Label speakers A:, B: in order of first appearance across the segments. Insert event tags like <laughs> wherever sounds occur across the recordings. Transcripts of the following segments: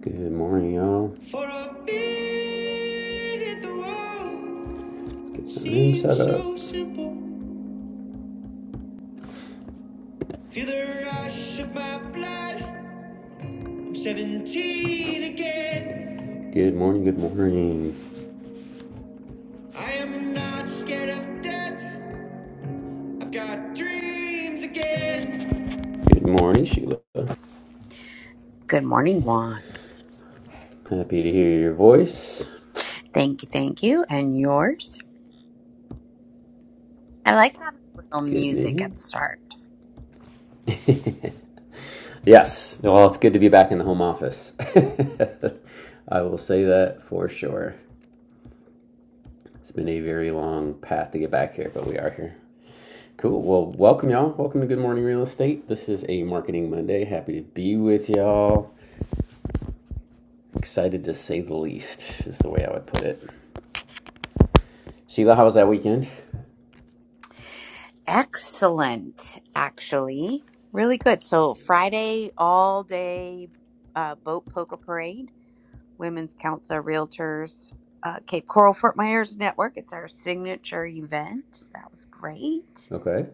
A: Good morning, y'all. Let's get some room set up. so Feel the rush of my blood. I'm 17 again. Good morning, good morning. I am not scared of death. I've got dreams again. Good morning, Sheila.
B: Good morning, Juan.
A: Happy to hear your voice.
B: Thank you, thank you. And yours? I like having a
A: It's
B: little
A: good
B: music
A: news.
B: at the start.
A: Yes. Well, it's good to be back in the home office. <laughs> I will say that for sure. It's been a very long path to get back here, but we are here. Cool. Well, welcome, y'all. Welcome to Good Morning Real Estate. This is a Marketing Monday. Happy to be with y'all. Excited to say the least, is the way I would put it. Sheila, how was that weekend?
B: Excellent, actually. Really good. So Friday all day uh, boat poker parade, Women's Council of Realtors, uh, Cape Coral Fort Myers Network. It's our signature event. That was great.
A: Okay.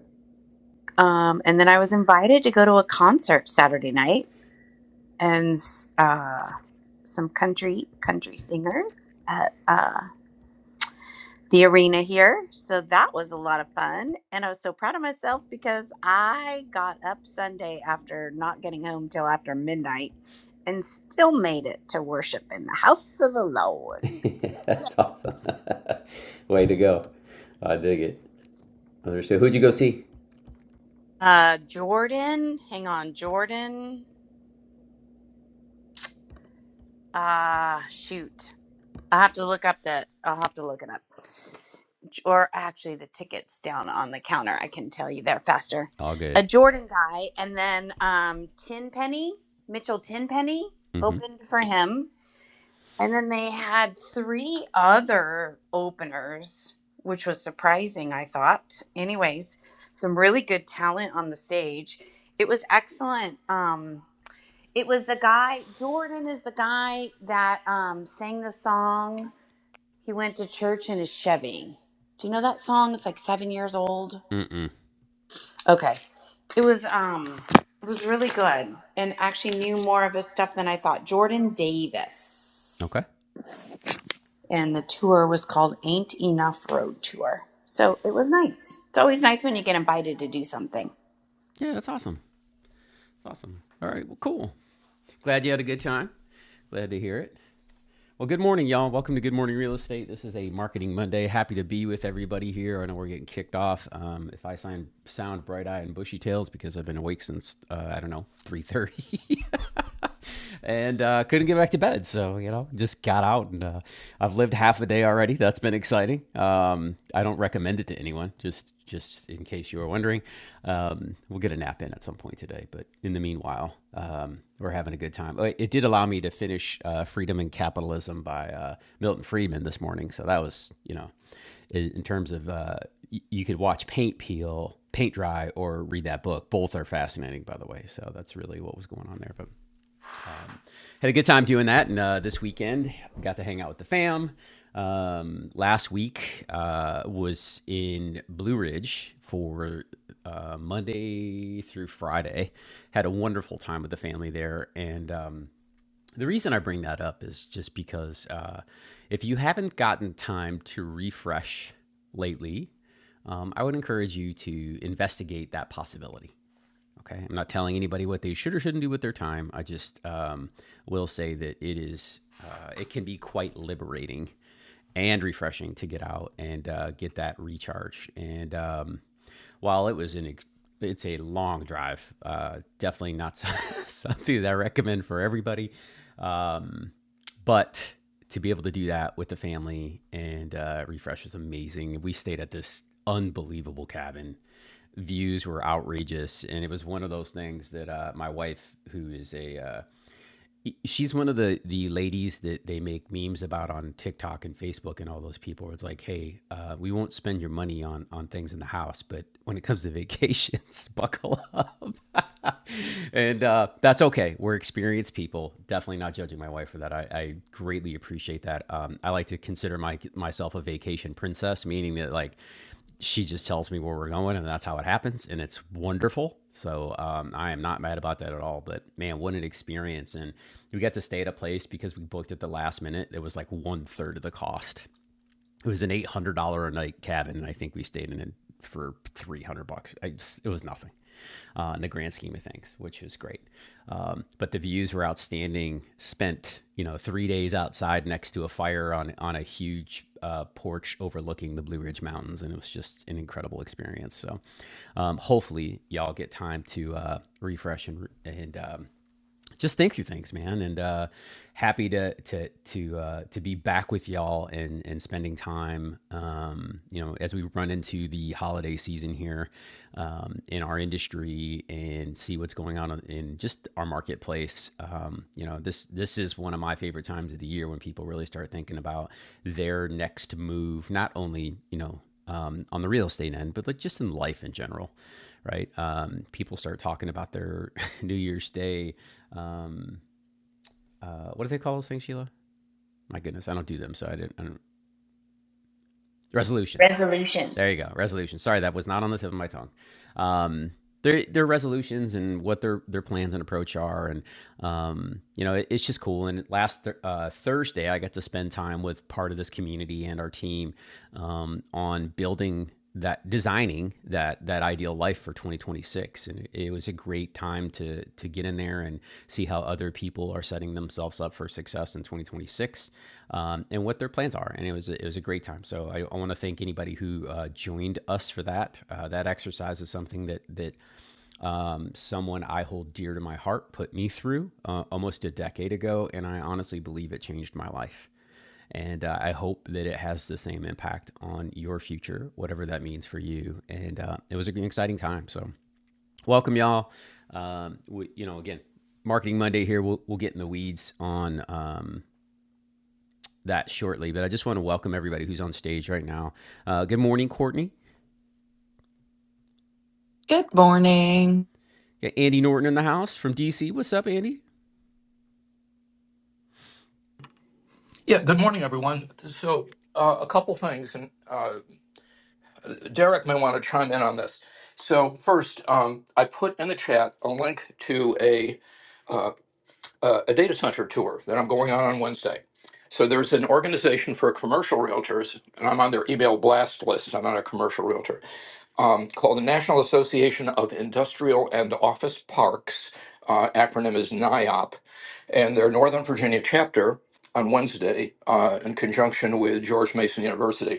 B: Um, and then I was invited to go to a concert Saturday night and uh, some country country singers at uh, the arena here. So that was a lot of fun. And I was so proud of myself because I got up Sunday after not getting home till after midnight and still made it to worship in the house of the Lord.
A: <laughs>
B: Yeah.
A: That's awesome. <laughs> way to go. I dig it. Understood. Who'd you go see?
B: Uh, Jordan, hang on, Jordan. Uh, shoot. I have to look up that. I'll have to look it up. or actually the tickets down on the counter. I can tell you they're faster.
A: All good.
B: A Jordan guy, and then um, Tenpenny Mitchell Tenpenny
A: Mm-hmm.
B: opened for him, and then they had three other openers, which was surprising. I thought, anyways, some really good talent on the stage. It was excellent. Um, it was the guy Jordan is the guy that um, sang the song. He went to church in a Chevy. Do you know that song? It's like seven years old.
A: Mm-mm.
B: Okay. It was um it was really good and actually knew more of his stuff than I thought. Jordan Davis.
A: Okay.
B: And the tour was called Ain't Enough Road Tour. So it was nice. It's always nice when you get invited to do something.
A: Yeah, that's awesome. That's awesome. All right. Well, cool. Glad you had a good time. Glad to hear it. Well, good morning, y'all. Welcome to Good Morning Real Estate. This is a Marketing Monday. Happy to be with everybody here. I know we're getting kicked off. Um, if I sound sound bright eyed and bushy tails because I've been awake since uh, I don't know three thirty. <laughs> and uh, couldn't get back to bed. So you know, just got out and uh, I've lived half a day already. That's been exciting. Um, I don't recommend it to anyone. Just just in case you were wondering, um, we'll get a nap in at some point today. But in the meanwhile, um, we're having a good time. Oh, It did allow me to finish uh, "Freedom and Capitalism" by uh, Milton Friedman this morning. So that was you know, in terms of uh, you could watch paint peel. Paint dry or read that book. Both are fascinating, by the way. So that's really what was going on there. But had a good time doing that. And uh, this weekend, got to hang out with the fam. Um, last week uh, was in Blue Ridge for uh, Monday through Friday. Had a wonderful time with the family there. And um, the reason I bring that up is just because uh, if you haven't gotten time to refresh lately, um, I would encourage you to investigate that possibility. Okay. I'm not telling anybody what they should or shouldn't do with their time. I just um, will say that it is, uh, it can be quite liberating and refreshing to get out and uh, get that recharge. And um, while it was an, it's a long drive, uh, definitely not <laughs> something that I recommend for everybody. Um, but to be able to do that with the family and uh, refresh was amazing. We stayed at this unbelievable cabin views were outrageous and it was one of those things that uh, my wife who is a uh, e, she's one of the the ladies that they make memes about on tiktok and facebook and all those people it's like hey uh, we won't spend your money on on things in the house but when it comes to vacations <laughs> buckle up <laughs> and uh, that's okay we're experienced people definitely not judging my wife for that i, I greatly appreciate that um, i like to consider my myself a vacation princess meaning that like she just tells me where we're going, and that's how it happens, and it's wonderful. So um, I am not mad about that at all. But man, what an experience! And we got to stay at a place because we booked at the last minute. It was like one third of the cost, it was an eight hundred dollar a night cabin, and I think we stayed in it for three hundred bucks. I just, it was nothing uh, in the grand scheme of things, which was great. Um, but the views were outstanding. Spent you know three days outside next to a fire on on a huge uh, porch overlooking the Blue Ridge Mountains, and it was just an incredible experience. So um, hopefully y'all get time to uh, refresh and and um, just think through things, man. And uh, happy to to to uh, to be back with y'all and and spending time. Um, you know, as we run into the holiday season here um, in our industry and see what's going on in just our marketplace. Um, you know, this this is one of my favorite times of the year when people really start thinking about their next move. Not only you know um, on the real estate end, but like just in life in general, right? Um, people start talking about their <laughs> New Year's Day um, uh, what do they call those things, Sheila? My goodness, I don't do them, so I didn't. I don't, resolutions.
B: Resolution.
A: There you go, resolutions. Sorry, that was not on the tip of my tongue. Um, their their resolutions and what their their plans and approach are, and um, you know, it, it's just cool. And last th- uh, Thursday, I got to spend time with part of this community and our team um, on building that designing that that ideal life for 2026 and it, it was a great time to to get in there and see how other people are setting themselves up for success in 2026 um, and what their plans are and it was a, it was a great time so i, I want to thank anybody who uh, joined us for that uh, that exercise is something that that um, someone i hold dear to my heart put me through uh, almost a decade ago and i honestly believe it changed my life and uh, I hope that it has the same impact on your future, whatever that means for you. And uh, it was an exciting time. So, welcome, y'all. Um, we, you know, again, Marketing Monday here. We'll, we'll get in the weeds on um, that shortly, but I just want to welcome everybody who's on stage right now. Uh, good morning, Courtney.
C: Good morning.
A: Andy Norton in the house from DC. What's up, Andy?
D: Yeah, good morning, everyone. So, uh, a couple things, and uh, Derek may want to chime in on this. So, first, um, I put in the chat a link to a uh, uh, a data center tour that I'm going on on Wednesday. So there's an organization for commercial realtors, and I'm on their email blast list. I'm not a commercial realtor um, called the National Association of Industrial and Office Parks. Uh, acronym is NIOP, and their Northern Virginia chapter on Wednesday, uh, in conjunction with George Mason University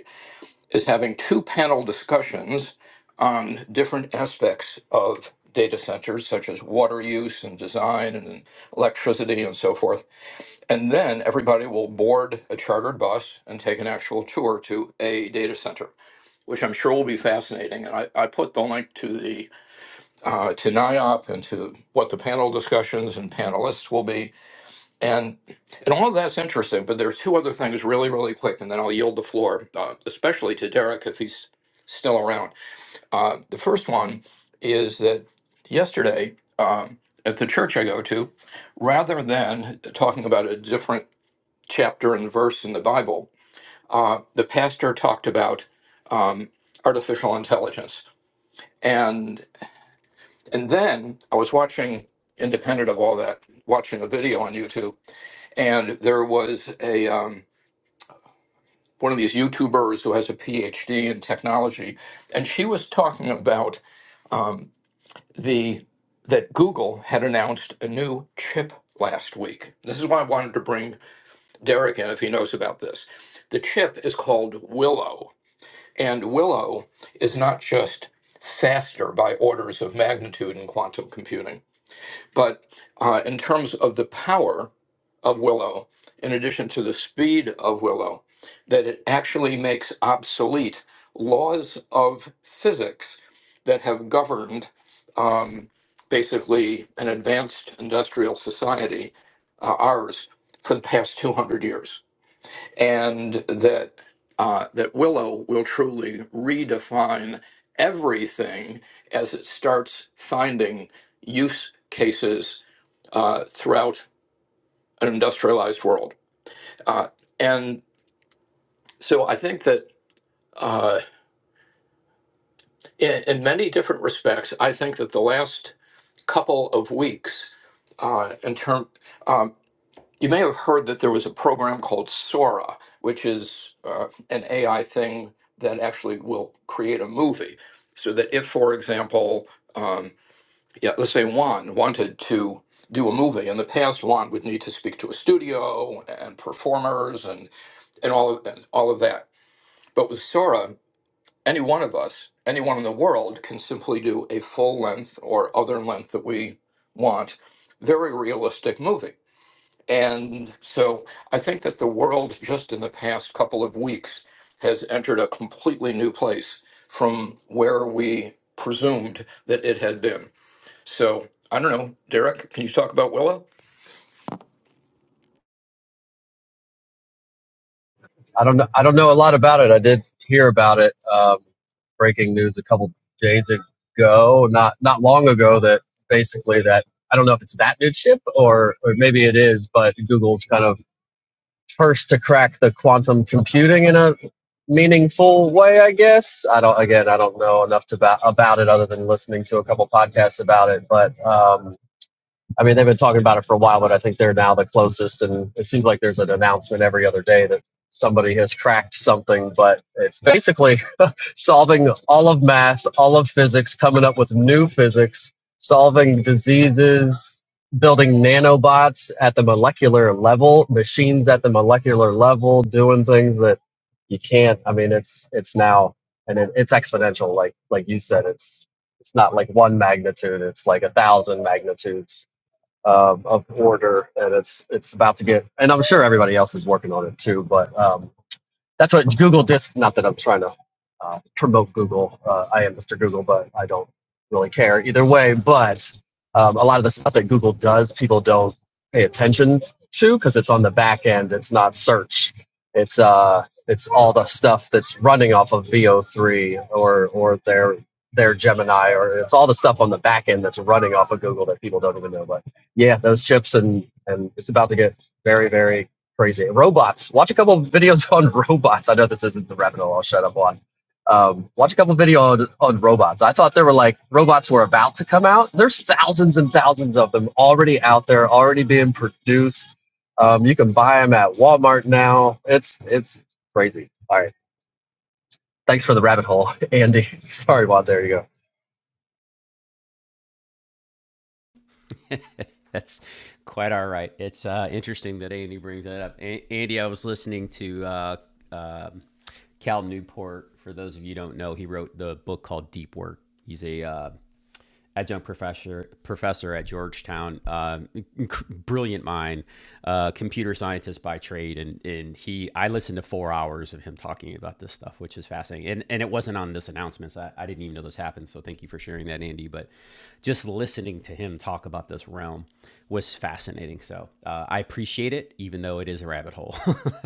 D: is having two panel discussions on different aspects of data centers, such as water use and design and electricity and so forth. And then everybody will board a chartered bus and take an actual tour to a data center, which I'm sure will be fascinating. And I, I put the link to the uh, to NIOP and to what the panel discussions and panelists will be and and all of that's interesting, but there's two other things really, really quick, and then I'll yield the floor, uh, especially to Derek if he's still around. Uh, the first one is that yesterday um, at the church I go to, rather than talking about a different chapter and verse in the Bible, uh, the pastor talked about um, artificial intelligence, and and then I was watching, independent of all that, watching a video on YouTube, and there was a. Um, one of these YouTubers who has a PhD in technology, and she was talking about um, the that Google had announced a new chip last week. This is why I wanted to bring Derek in if he knows about this. The chip is called Willow, and Willow is not just faster by orders of magnitude in quantum computing, but uh, in terms of the power of Willow, in addition to the speed of Willow, that it actually makes obsolete laws of physics that have governed um, basically an advanced industrial society, uh, ours, for the past 200 years. And that, uh, that Willow will truly redefine everything as it starts finding use cases uh, throughout an industrialized world. Uh, and so I think that uh, in, in many different respects, I think that the last couple of weeks, uh, in term, um, you may have heard that there was a program called Sora, which is uh, an AI thing that actually will create a movie. So that if, for example, um, yeah, let's say Juan wanted to do a movie in the past, Juan would need to speak to a studio and performers and, and all of and all of that. But with Sora, any one of us, anyone in the world, can simply do a full length or other length that we want, very realistic movie. And so I think that the world, just in the past couple of weeks, has entered a completely new place from where we presumed that it had been. So I don't know, Derek, can you talk about Willow?
E: I don't know. I don't know a lot about it. I did hear about it. Um, breaking news a couple days ago, not not long ago. That basically that I don't know if it's that new chip or, or maybe it is, but Google's kind of first to crack the quantum computing in a meaningful way. I guess I don't. Again, I don't know enough to about, about it other than listening to a couple podcasts about it. But um, I mean, they've been talking about it for a while, but I think they're now the closest. And it seems like there's an announcement every other day that somebody has cracked something, but it's basically <laughs> solving all of math, all of physics, coming up with new physics, solving diseases, building nanobots at the molecular level, machines at the molecular level, doing things that you can't. I mean, it's it's now and it, it's exponential. Like like you said, it's it's not like one magnitude; it's like a thousand magnitudes um, of order, and it's it's about to get. And I'm sure everybody else is working on it too. But um, that's what Google just. Not that I'm trying to uh, promote Google. Uh, I am Mr. Google, but I don't really care either way. But um, a lot of the stuff that Google does, people don't pay attention to because it's on the back end. It's not search. It's uh, it's all the stuff that's running off of VO3 or or their their Gemini or it's all the stuff on the back end that's running off of Google that people don't even know. But yeah, those chips and and it's about to get very very crazy. Robots. Watch a couple of videos on <laughs> robots. I know this isn't the rabbit hole I'll shut up on. Um, watch a couple of video on, on robots. I thought there were like robots were about to come out. There's thousands and thousands of them already out there, already being produced. Um, you can buy them at Walmart now. It's it's crazy. All right. Thanks for the rabbit hole, <laughs> Andy. Sorry, Juan. There you go.
A: <laughs> That's quite all right. It's uh, interesting that Andy brings that up. A- Andy, I was listening to uh, um Cal Newport. For those of you who don't know, he wrote the book called Deep Work. He's a uh, adjunct professor professor at Georgetown, um, brilliant mind, uh, computer scientist by trade, and and he I listened to four hours of him talking about this stuff, which is fascinating. And and it wasn't on this announcements. I, I didn't even know this happened. So thank you for sharing that, Andy. But just listening to him talk about this realm was fascinating. So uh, I appreciate it, even though it is a rabbit hole.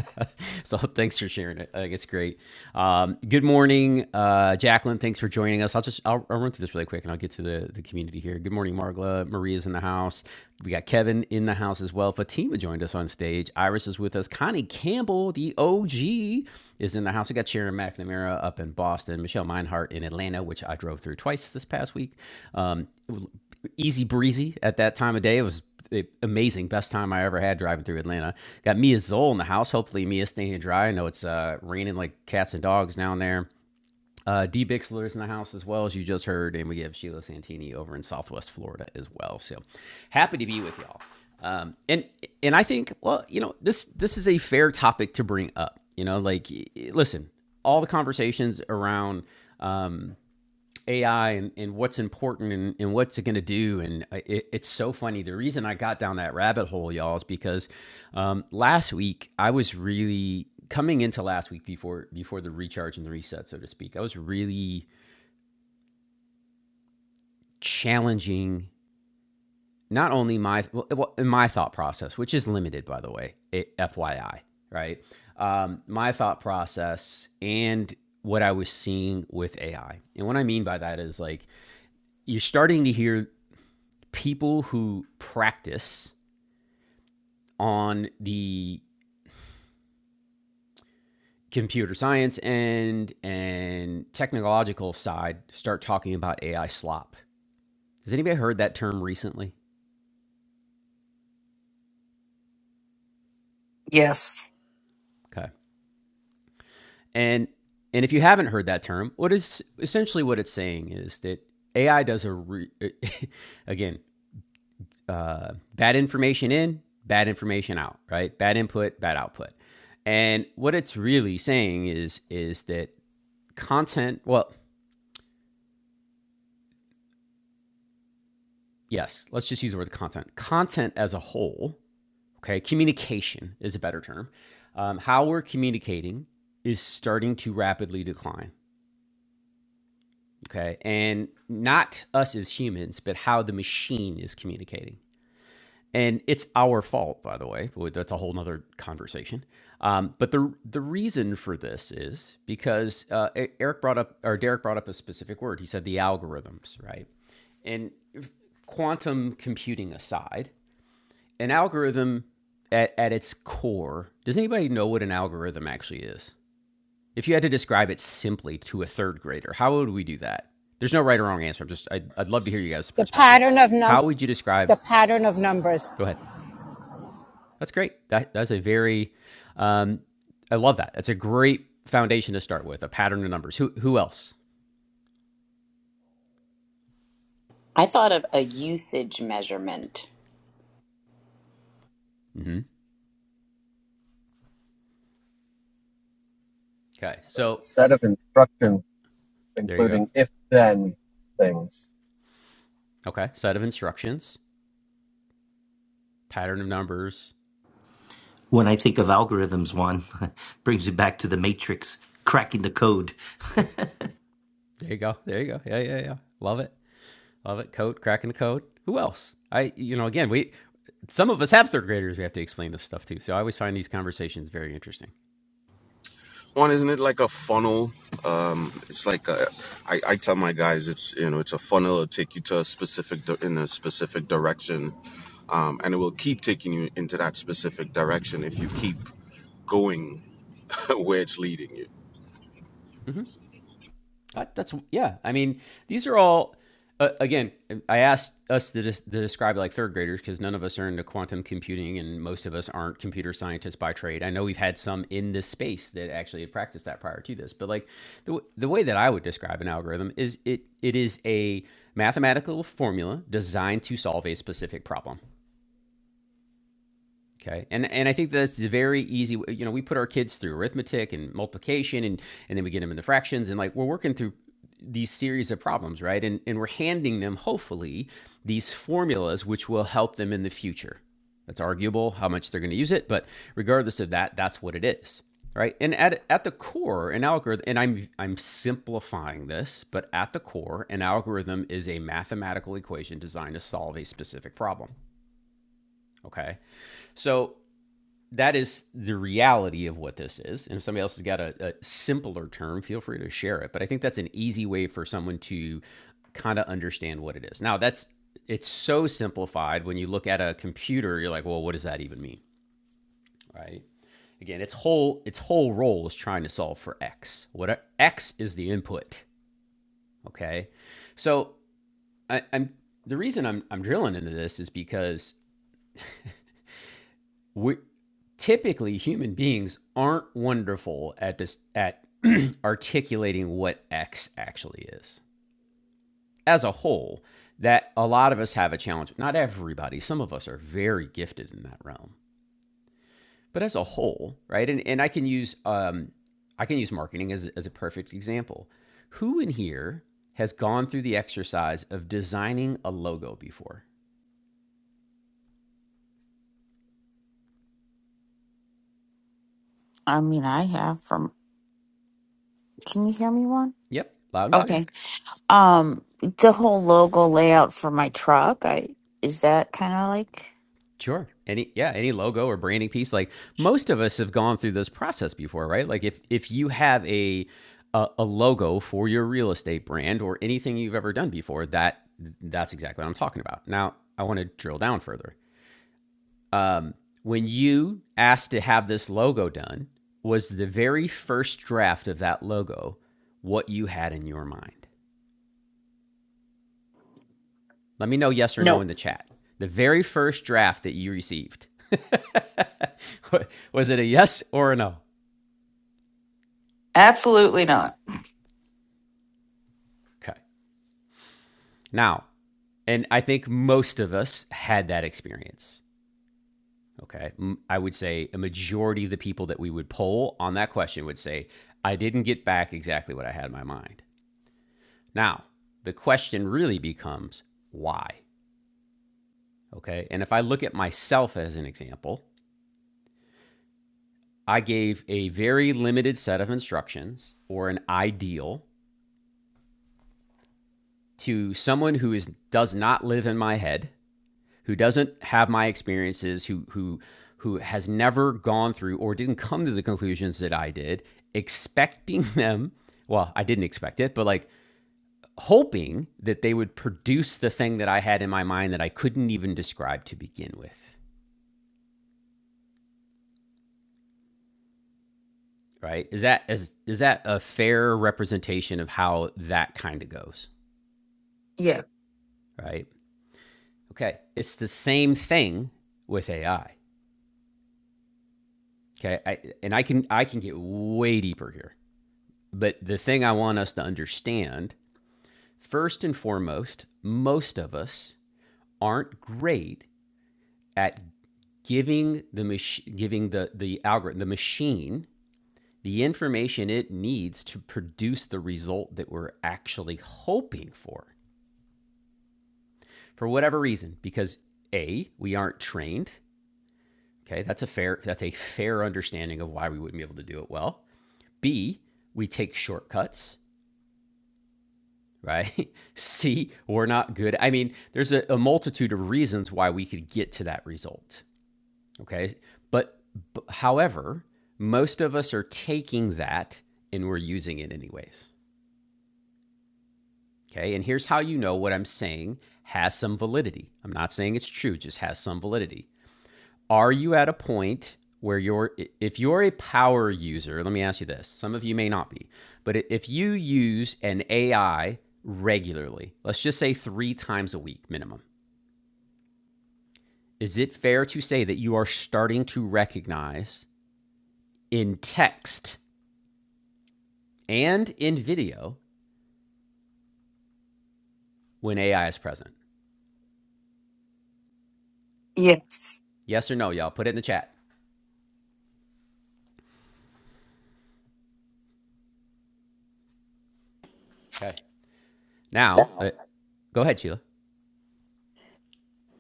A: <laughs> so thanks for sharing it. I think it's great. Um, good morning, uh, Jacqueline. Thanks for joining us. I'll just I'll, I'll run through this really quick, and I'll get to the the community here. Good morning, Margla. Maria's in the house. We got Kevin in the house as well. Fatima joined us on stage. Iris is with us. Connie Campbell, the OG, is in the house. We got Sharon McNamara up in Boston. Michelle Meinhardt in Atlanta, which I drove through twice this past week. Um, easy breezy at that time of day. It was the amazing, best time I ever had driving through Atlanta. Got Mia Zoll in the house. Hopefully, Mia's staying dry. I know it's uh, raining like cats and dogs down there. Uh, D Bixler's in the house as well as you just heard, and we have Sheila Santini over in Southwest Florida as well. So happy to be with y'all. Um, and and I think well, you know this this is a fair topic to bring up. You know, like listen, all the conversations around um, AI and, and what's important and, and what's it going to do. And uh, it, it's so funny. The reason I got down that rabbit hole, y'all, is because um, last week I was really coming into last week before before the recharge and the reset, so to speak. I was really challenging not only my well, well, my thought process, which is limited, by the way, it, FYI, right? Um, my thought process and what I was seeing with AI. And what I mean by that is like you're starting to hear people who practice on the computer science and and technological side start talking about AI slop. Has anybody heard that term recently? Okay. And and if you haven't heard that term, what is essentially what it's saying is that AI does a re, <laughs> again uh, bad information in, bad information out, right? Bad input, bad output. And what it's really saying is is that content. Well, yes, let's just use the word content. Content as a whole, okay, communication is a better term. Um, how we're communicating is starting to rapidly decline, okay? And not us as humans, but how the machine is communicating. And it's our fault, by the way. That's a whole nother conversation. Um, but the the reason for this is because uh, E- Eric brought up or Derek brought up a specific word. He said the algorithms, right? And quantum computing aside, an algorithm at, at its core, does anybody know what an algorithm actually is? If you had to describe it simply to a third grader, how would we do that? There's no right or wrong answer. I'm just I'd, I'd love to hear you guys'
F: The
A: perspective.
F: pattern of num
A: How would you describe?
F: the pattern of numbers.
A: Go ahead. That's great. That that's a very, um, I love that. That's a great foundation to start with. A pattern of numbers. Who who else?
B: I thought of a usage measurement.
A: hmm Okay. So
E: A set of instructions
A: there you go.
E: including if then things.
A: Okay. Set of instructions. Pattern of numbers.
G: When I think of algorithms, Juan, <laughs> brings me back to the matrix, cracking the code. <laughs>
A: There you go. There you go. Yeah yeah yeah. Love it. Love it. Code, cracking the code. Who else? I, you know, again, we, some of us have third graders we have to explain this stuff to. So I always find these conversations very interesting.
H: one isn't it like a funnel um it's like a, I, I tell my guys it's you know it's a funnel it'll take you to a specific di- in a specific direction um and it will keep taking you into that specific direction if you keep going <laughs> where it's leading you
A: Uh, That's, yeah. I mean, these are all, uh, again, I asked us to, dis- to describe like third graders because none of us are into quantum computing and most of us aren't computer scientists by trade. I know we've had some in this space that actually had practiced that prior to this, but like the, w- the way that I would describe an algorithm is it it is a mathematical formula designed to solve a specific problem. Okay. And and I think that's a very easy you know, we put our kids through arithmetic and multiplication and and then we get them in the fractions and like we're working through these series of problems, right? And and we're handing them hopefully these formulas which will help them in the future. That's arguable how much they're going to use it, but regardless of that, that's what it is. Right? And at at the core, an algorithm and I'm I'm simplifying this, but at the core, an algorithm is a mathematical equation designed to solve a specific problem. Okay. So that is the reality of what this is. And if somebody else has got a, a simpler term, feel free to share it. But I think that's an easy way for someone to kind of understand what it is. Now, that's it's so simplified when you look at a computer, you're like, well, what does that even mean? Right? Again, its whole its whole role is trying to solve for x. What x is the input, okay? So I, I'm the reason I'm I'm drilling into this is because we typically human beings aren't wonderful at this at <clears throat> articulating what X actually is as a whole. That a lot of us have a challenge. Not everybody. Some of us are very gifted in that realm, but as a whole, right? And and I can use um, I can use marketing as as a perfect example. Who in here has gone through the exercise of designing a logo before?
I: I mean, I have from. Can you hear me, Juan?
A: Yep, loud and clear.
I: Okay. Um, the whole logo layout for my truck. I is that kind of like
A: Sure. Any yeah, any logo or branding piece like most of us have gone through this process before, right? Like if if you have a a, a logo for your real estate brand or anything you've ever done before, that that's exactly what I'm talking about. Now, I want to drill down further. Um, when you asked to have this logo done, was the very first draft of that logo what you had in your mind? Let me know yes or no
J: No.
A: in the chat. The very first draft that you received. <laughs> was it a yes or a no?
C: App,
A: Okay. Now, and I think most of us had that experience. Okay. I would say a majority of the people that we would poll on that question would say, I didn't get back exactly what I had in my mind. Now, the question really becomes why? Okay. And if I look at myself as an example, I gave a very limited set of instructions or an ideal to someone who is does not live in my head, who doesn't have my experiences, who who who has never gone through or didn't come to the conclusions that I did, expecting <laughs> them, well, I didn't expect it, but like hoping that they would produce the thing that I had in my mind that I couldn't even describe to begin with, right? Is that is is that a fair representation of how that kind of goes,
C: yeah,
A: right? Okay, it's the same thing with AI. Okay, I, and I can I can get way deeper here. But the thing I want us to understand, first and foremost, most of us aren't great at giving the mach- giving the the algorithm, the machine, the information it needs to produce the result that we're actually hoping for. For whatever reason, because A, we aren't trained. Okay, that's a fair that's a fair understanding of why we wouldn't be able to do it well. B, we take shortcuts right? <laughs> See, we're not good. I mean, there's a, a multitude of reasons why we could get to that result. Okay. But, but however, most of us are taking that and we're using it anyways. Okay. And here's how you know what I'm saying has some validity. I'm not saying it's true, just has some validity. Are you at a point where you're, if you're a power user, let me ask you this. Some of you may not be, but if you use an AI regularly, let's just say three times a week minimum, is it fair to say that you are starting to recognize in text and in video when AI is present?
C: yes,
A: Yes or no, y'all? Put it in the chat. Okay. Now, uh, go ahead, Sheila.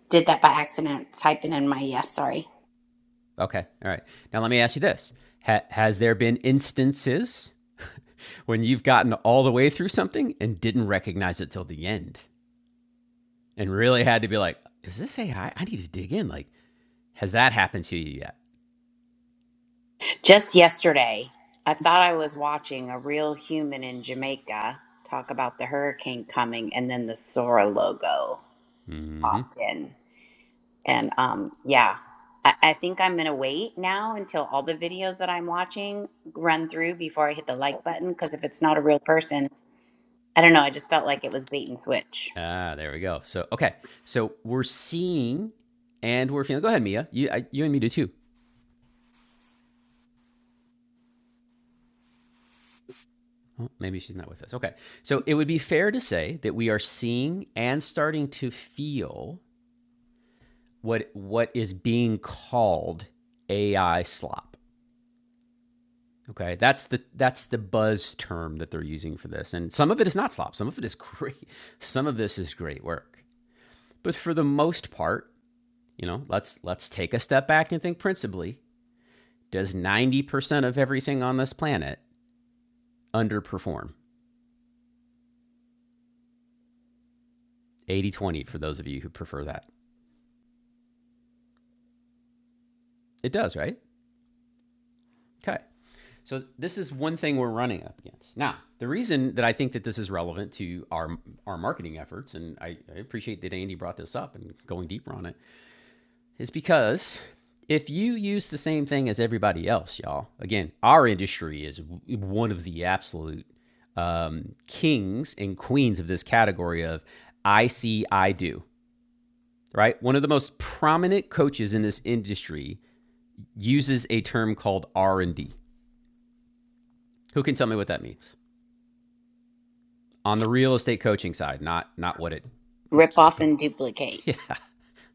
B: Did that by accident, typing in my yes, sorry.
A: Okay. All right. Now let me ask you this: ha- Has there been instances <laughs> when you've gotten all the way through something and didn't recognize it till the end, and really had to be like, "Is this AI? I I need to dig in." Like, has that happened to you yet?
B: Just yesterday, I thought I was watching a real human in Jamaica talk about the hurricane coming, and then the Sora logo
A: hmm
B: popped in. And um, yeah, I, I think I'm gonna wait now until all the videos that I'm watching run through before I hit the like button. Because if it's not a real person, I don't know. I just felt like it was bait and switch,
A: Ah, there we go. So okay. So we're seeing and we're feeling. Go ahead, Mia. You, I, you and me do too. Oh, maybe she's not with us. Okay. So it would be fair to say that we are seeing and starting to feel what what is being called AI slop. Okay, that's the that's the buzz term that they're using for this, and some of it is not slop. Some of it is great. <laughs> Some of this is great work, but for the most part, you know, let's let's take a step back and think principally. Does 90% of everything on this planet underperform? Eighty twenty for those of you who prefer that. It does, right? Okay. So this is one thing we're running up against. Now, the reason that I think that this is relevant to our our marketing efforts, and I, I appreciate that Andy brought this up and going deeper on it, is because if you use the same thing as everybody else, y'all, again, our industry is one of the absolute um, kings and queens of this category of I see, I do, right? One of the most prominent coaches in this industry uses a term called R and D. Who can tell me what that means? on the real estate coaching side, not not what it.
B: rip
A: just,
B: off and duplicate.
A: <laughs> Yeah.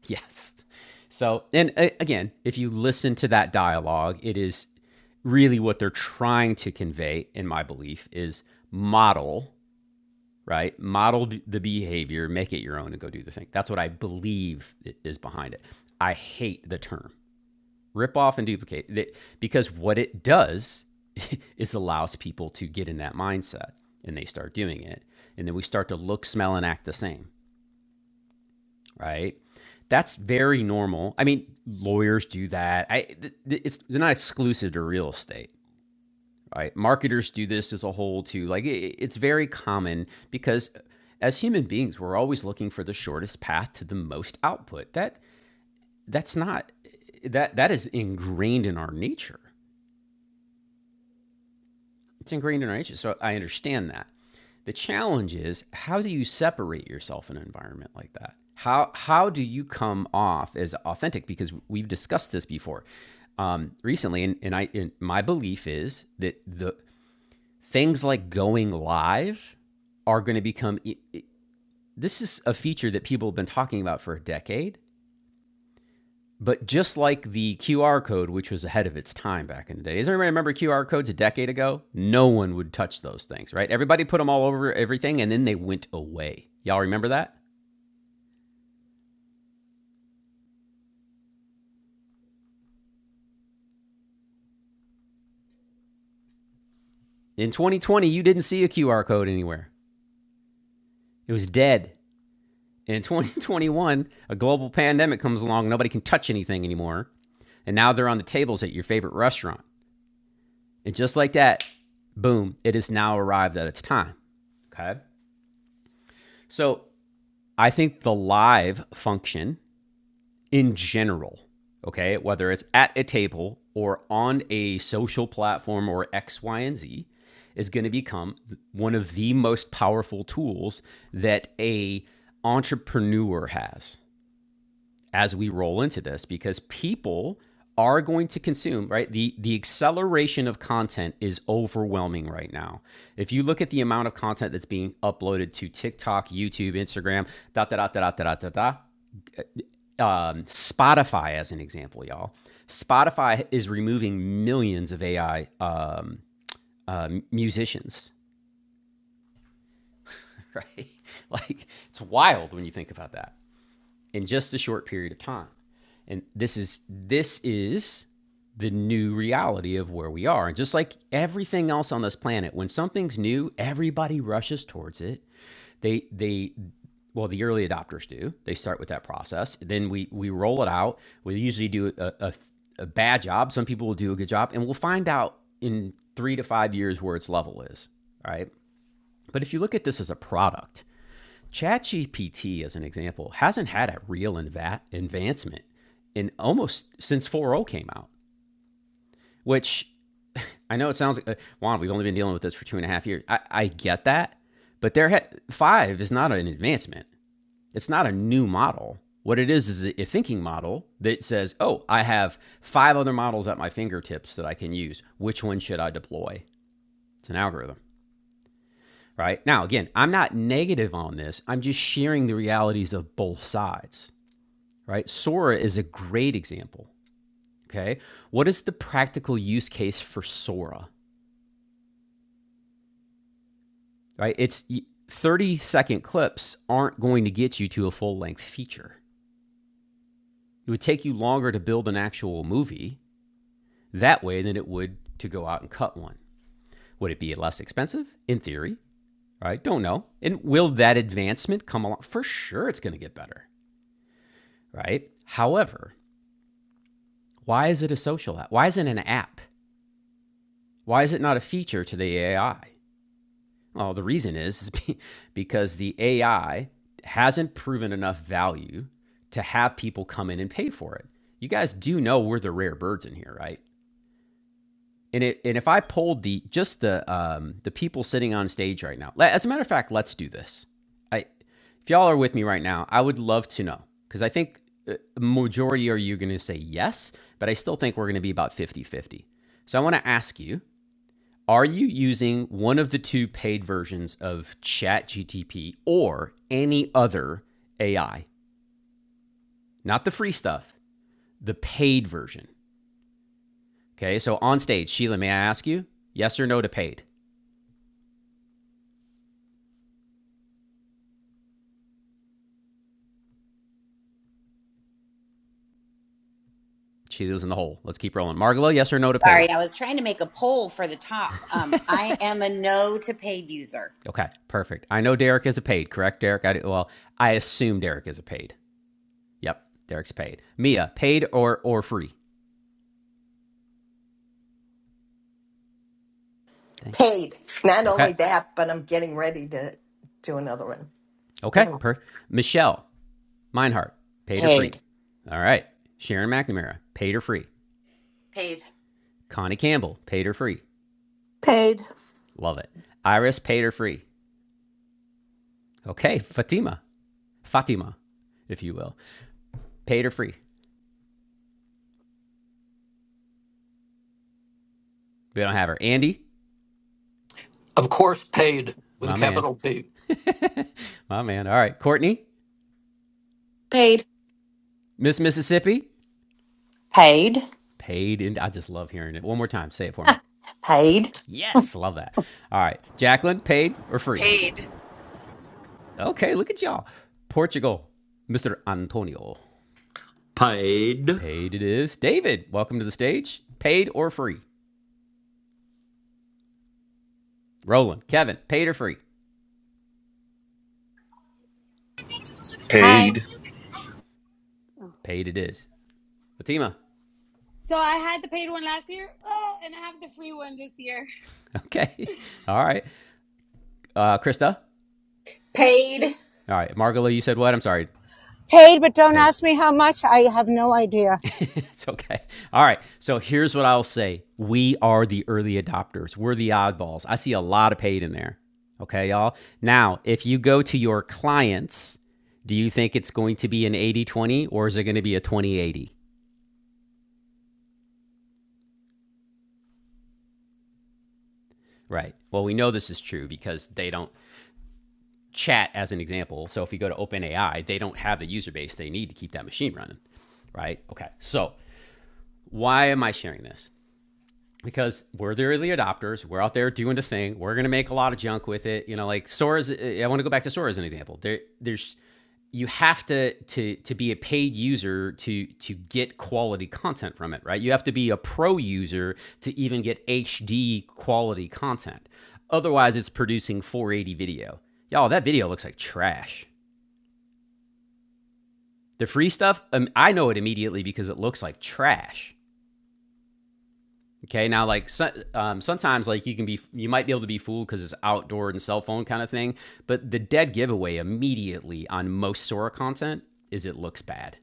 A: Yes. So, and uh, again, if you listen to that dialogue, it is really what they're trying to convey, in my belief, is model, right? Model the behavior, make it your own, and go do the thing. That's what I believe is behind it. I hate the term rip off and duplicate because what it does <laughs> is allows people to get in that mindset and they start doing it and then we start to look smell and act the same right that's very normal i mean lawyers do that i it's they're not exclusive to real estate right marketers do this as a whole too like it, it's very common because as human beings we're always looking for the shortest path to the most output that that's not that that is ingrained in our nature It's ingrained in our nature. So I understand that. The challenge is how do you separate yourself in an environment like that? How how do you come off as authentic? Because we've discussed this before um, recently, and, and I and my belief is that the things like going live are going to become. This is a feature that people have been talking about for a decade, but just like the QR code, which was ahead of its time back in the day, does anybody remember QR codes a decade ago? No one would touch those things, right? Everybody put them all over everything and then they went away. Y'all remember that? In 2020, you didn't see a QR code anywhere, it was dead. In <laughs> 2021, a global pandemic comes along, nobody can touch anything anymore. And now they're on the tables at your favorite restaurant. And just like that, boom, it has now arrived at its time. Okay. So I think the live function in general, okay, whether it's at a table or on a social platform or X, Y, and Z, is going to become one of the most powerful tools that a entrepreneur has as we roll into this because people are going to consume right the the acceleration of content is overwhelming right now if you look at the amount of content that's being uploaded to tiktok youtube instagram da da da da da da da da um, Spotify, as an example, y'all. Spotify is removing millions of AI um, uh, musicians, right? <laughs> like it's wild when you think about that in just a short period of time. And this is this is the new reality of where we are. And just like everything else on this planet, when something's new, everybody rushes towards it They they well the early adopters do. They start with that process. Then we we roll it out. We usually do a, a, a bad job. Some people will do a good job, and we'll find out in three to five years where its level is. Right. But if you look at this as a product, ChatGPT, as an example, hasn't had a real inva- advancement in almost since 4.0 came out, which I know it sounds like, uh, Juan, we've only been dealing with this for two and a half years. I, I get that, but there ha- five is not an advancement. It's not a new model. What it is is a thinking model that says, oh, I have five other models at my fingertips that I can use. Which one should I deploy? It's an algorithm, right? Now, again, I'm not negative on this. I'm just sharing the realities of both sides, right? Sora is a great example, okay? What is the practical use case for Sora, right? It's 30 second clips aren't going to get you to a full length feature. It would take you longer to build an actual movie that way than it would to go out and cut one. Would it be less expensive? In theory, right? Don't know. And will that advancement come along? For sure, it's going to get better, right? However, why is it a social app? Why isn't it an app? Why is it not a feature to the AI? Well, the reason is, is be- <laughs> because the AI hasn't proven enough value to have people come in and pay for it. You guys do know we're the rare birds in here, right? And it, and if I polled the just the um, the people sitting on stage right now, as a matter of fact, let's do this. I if y'all are with me right now, I would love to know because I think uh, majority are you going to say yes, but I still think we're going to be about fifty-fifty. So I want to ask you, are you using one of the two paid versions of ChatGTP or any other AI? Not the free stuff, the paid version. Okay, so on stage, Sheila, may I ask you yes or no to paid? She was in the hole. Let's keep rolling. Margalo, yes or no to
B: Sorry,
A: paid?
B: I was trying to make a poll for the top. Um, I am a no to paid user.
A: Okay, perfect. I know Derek is a paid, correct, Derek? I do, well, I assume Derek is a paid. Yep, Derek's paid. Mia, paid or or free? Dang.
K: paid. Not
A: Okay,
K: only that, but I'm getting ready to do another one. There
A: okay.
K: were-
A: Per Michelle Meinhardt, paid or free?
I: Paid.
A: All right. Sharon McNamara, paid or free?
L: Paid.
A: Connie Campbell, paid or free? Love it. Iris, paid or free? Okay, Fatima, Fatima, if you will, paid or free? We don't have her. Andy,
D: Of course, paid with a
A: my man,
D: capital P.
A: <laughs> my man. All right, Courtney,
C: Paid.
A: Miss Mississippi,
M: Paid.
A: paid in. I just love hearing it. One more time, say it for me.
M: Paid.
A: Yes, love that. All right, Jacqueline, paid or free?
N: paid
A: Okay, look at y'all. Portugal, Mr. Antonio,
G: Paid
A: paid it is. David, welcome to the stage. Paid or free? Roland, Kevin, paid or free?
O: Hi.
H: paid
O: Oh.
A: Paid it is. Fatima,
O: So I had the paid one last year, oh, and I have the free one this year.
A: <laughs> okay, all right. Uh, Krista,
P: paid
A: all right. Margola, you said what? I'm sorry.
F: Paid, but don't
A: Paid.
F: ask me how much. I have no idea.
A: It's okay. All right. So here's what I'll say We are the early adopters, we're the oddballs. I see a lot of paid in there. Okay, y'all. Now, if you go to your clients, do you think it's going to be an 80 20, or is it going to be a 20 80? Right. Well, we know this is true because they don't chat as an example. So if you go to OpenAI, they don't have the user base they need to keep that machine running. Right. Okay. So why am I sharing this? because we're the early adopters. We're out there doing the thing. We're gonna make a lot of junk with it. You know, like Sora's. I want to go back to Sora as an example. There, there's you have to to to be a paid user to to get quality content from it, right? You have to be a pro user to even get HD quality content. Otherwise, it's producing 480 video. Y'all, that video looks like trash. The free stuff, um, I know it immediately because it looks like trash. Okay, now like so, um, sometimes like you can be you might be able to be fooled because it's outdoor and cell phone kind of thing, but the dead giveaway immediately on most Sora content is it looks bad.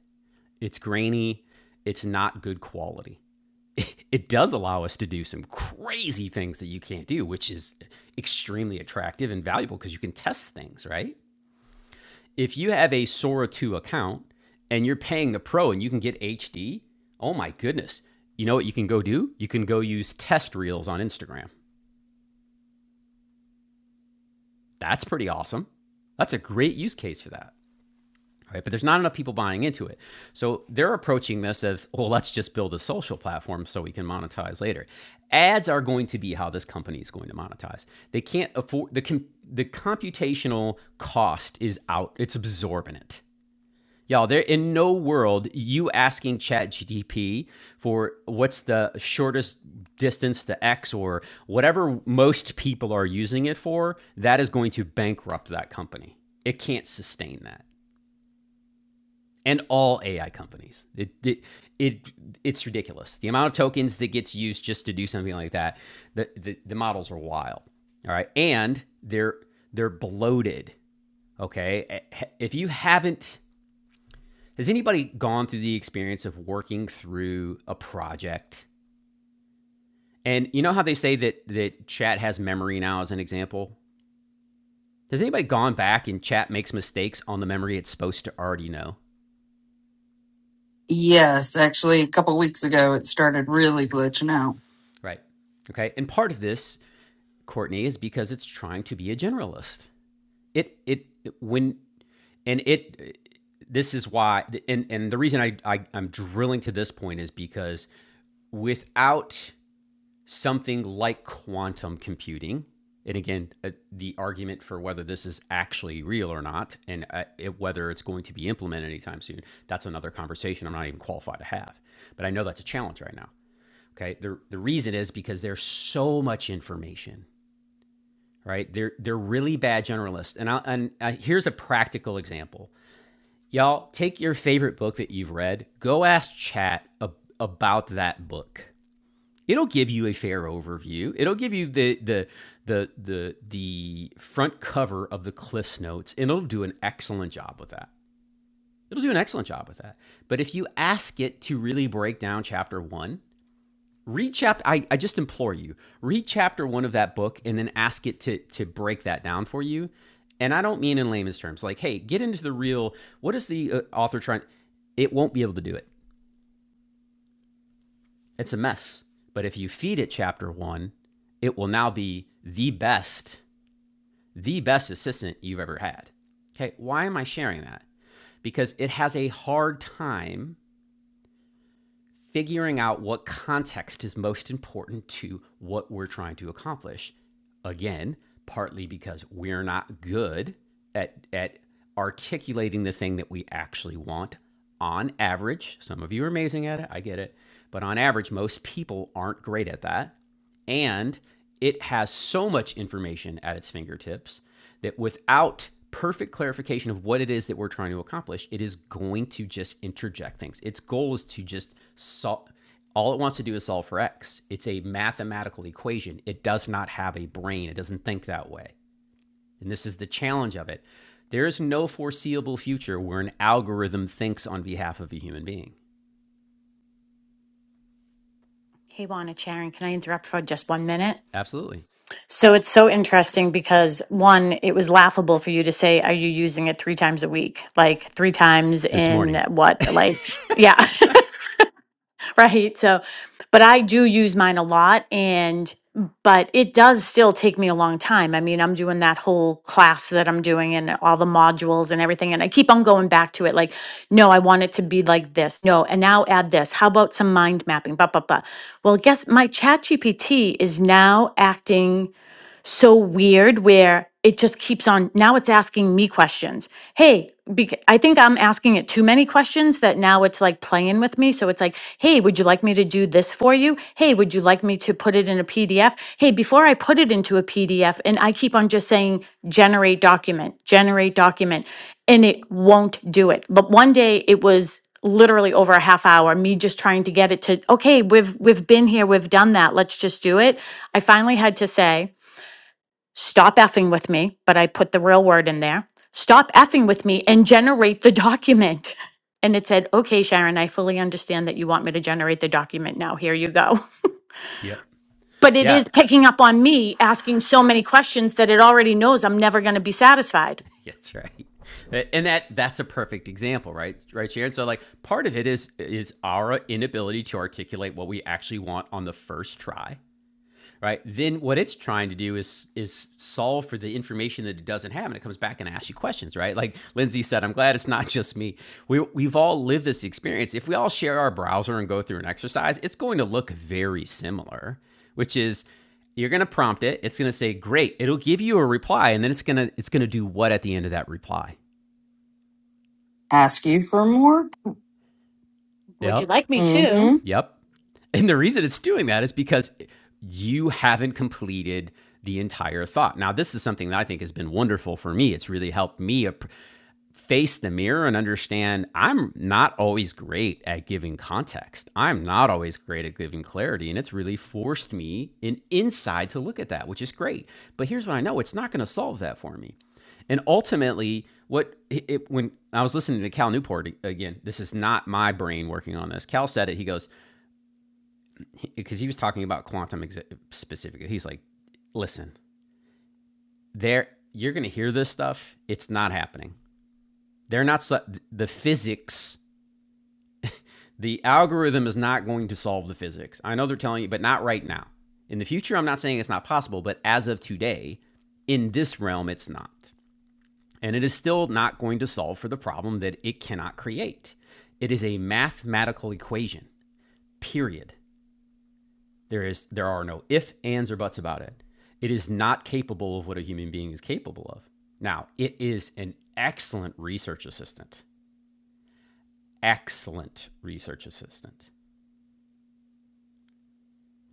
A: It's grainy. It's not good quality. <laughs> It does allow us to do some crazy things that you can't do, which is extremely attractive and valuable because you can test things, right? if you have a Sora 2 account and you're paying the pro and you can get HD, oh my goodness. You know what you can go do? You can go use test reels on Instagram. That's pretty awesome. That's a great use case for that. Right? But there's not enough people buying into it. So they're approaching this as, well, let's just build a social platform so we can monetize later. Ads are going to be how this company is going to monetize. They can't afford the com- the computational cost is out. It's absorbent. Y'all, there in no world you asking ChatGDP for what's the shortest distance to X or whatever most people are using it for, that is going to bankrupt that company. It can't sustain that. And all AI companies. It it, it it's ridiculous. The amount of tokens that gets used just to do something like that, the the, the models are wild. All right. And they're they're bloated. Okay. If you haven't has anybody gone through the experience of working through a project? And you know how they say that that chat has memory now as an example? Has anybody gone back and chat makes mistakes on the memory it's supposed to already know?
C: yes. Actually, a couple weeks ago, it started really glitching out.
A: Right. Okay. And part of this, Courtney, is because it's trying to be a generalist. It it when and it this is why and and the reason I, I I'm drilling to this point is because without something like quantum computing. And again, uh, the argument for whether this is actually real or not, and uh, it, whether it's going to be implemented anytime soon, that's another conversation I'm not even qualified to have. But I know that's a challenge right now. Okay. The, the reason is because there's so much information, right? They're, they're really bad generalists. And, I, and I, here's a practical example. Y'all, take your favorite book that you've read, go ask chat ab- about that book It'll give you a fair overview. It'll give you the the the the the front cover of the Cliffs Notes, and it'll do an excellent job with that. It'll do an excellent job with that. But if you ask it to really break down chapter one, read chapter. I, I just implore you, read chapter one of that book, and then ask it to to break that down for you. And I don't mean in layman's terms, like, hey, get into the real. What is the uh, author trying? It won't be able to do it It's a mess. But if you feed it chapter one, it will now be the best, the best assistant you've ever had. Okay, why am I sharing that? Because it has a hard time figuring out what context is most important to what we're trying to accomplish. Again, partly because we're not good at, at articulating the thing that we actually want on average. Some of you are amazing at it, I get it. But on average, most people aren't great at that. And it has so much information at its fingertips that without perfect clarification of what it is that we're trying to accomplish, it is going to just interject things. Its goal is to just solve. All it wants to do is solve for x. It's a mathematical equation. It does not have a brain. It doesn't think that way. And this is the challenge of it. There is no foreseeable future where an algorithm thinks on behalf of a human being.
L: Hey, Juana Charon, can I interrupt for just one minute?
A: Absolutely.
L: So it's so interesting because one, it was laughable for you to say, Are you using it three times a week? Like three times
A: This
L: in
A: morning.
L: what? Like, yeah. <laughs> <laughs> right? So, but I do use mine a lot and but it does still take me a long time. I mean, I'm doing that whole class that I'm doing and all the modules and everything and I keep on going back to it like, no, I want it to be like this. No, and now add this. How about some mind mapping? Blah blah blah. Well, guess my ChatGPT is now acting so weird where it just keeps on now it's asking me questions hey bec- i think i'm asking it too many questions that now it's like playing with me so it's like hey would you like me to do this for you hey would you like me to put it in a pdf hey before i put it into a pdf and i keep on just saying generate document generate document and it won't do it but one day it was literally over a half hour me just trying to get it to okay we've we've been here we've done that let's just do it i finally had to say stop effing with me, but I put the real word in there, stop effing with me and generate the document. <laughs> And it said, okay, Sharon, I fully understand that you want me to generate the document now. Here you go.
A: Yep.
L: <laughs> But it
A: Yeah.
L: is picking up on me asking so many questions that it already knows I'm never going to be satisfied.
A: <laughs> That's right. And that that's a perfect example, right? Right, Sharon. So like part of it is is our inability to articulate what we actually want on the first try right? Then what it's trying to do is is solve for the information that it doesn't have, and it comes back and asks you questions, right? Like Lindsay said, I'm glad it's not just me. We we've all lived this experience. If we all share our browser and go through an exercise, it's going to look very similar, which is you're going to prompt it. It's going to say, "Great." It'll give you a reply, and then it's going to it's going to do what at the end of that reply?
C: Ask you for more.
L: Would you
A: Yep.
L: like me to?
C: Mm-hmm.
A: Yep. And the reason it's doing that is because you haven't completed the entire thought. Now, this is something that I think has been wonderful for me. It's really helped me face the mirror and understand I'm not always great at giving context. I'm not always great at giving clarity. And it's really forced me in inside to look at that, which is great. But here's what I know it's not going to solve that for me. And ultimately, what it- when I was listening to Cal Newport again, this is not my brain working on this. Cal said it. He goes, because he was talking about quantum ex- specifically. He's like, listen, there you're going to hear this stuff. It's not happening. They're not su- the physics. The algorithm is not going to solve the physics. I know they're telling you, but not right now. In the future, I'm not saying it's not possible, but as of today, in this realm, it's not. And it is still not going to solve for the problem that it cannot create. It is a mathematical equation, period. There is there are no if, ands, or buts about it. It is not capable of what a human being is capable of. Now, it is an excellent research assistant. Excellent research assistant.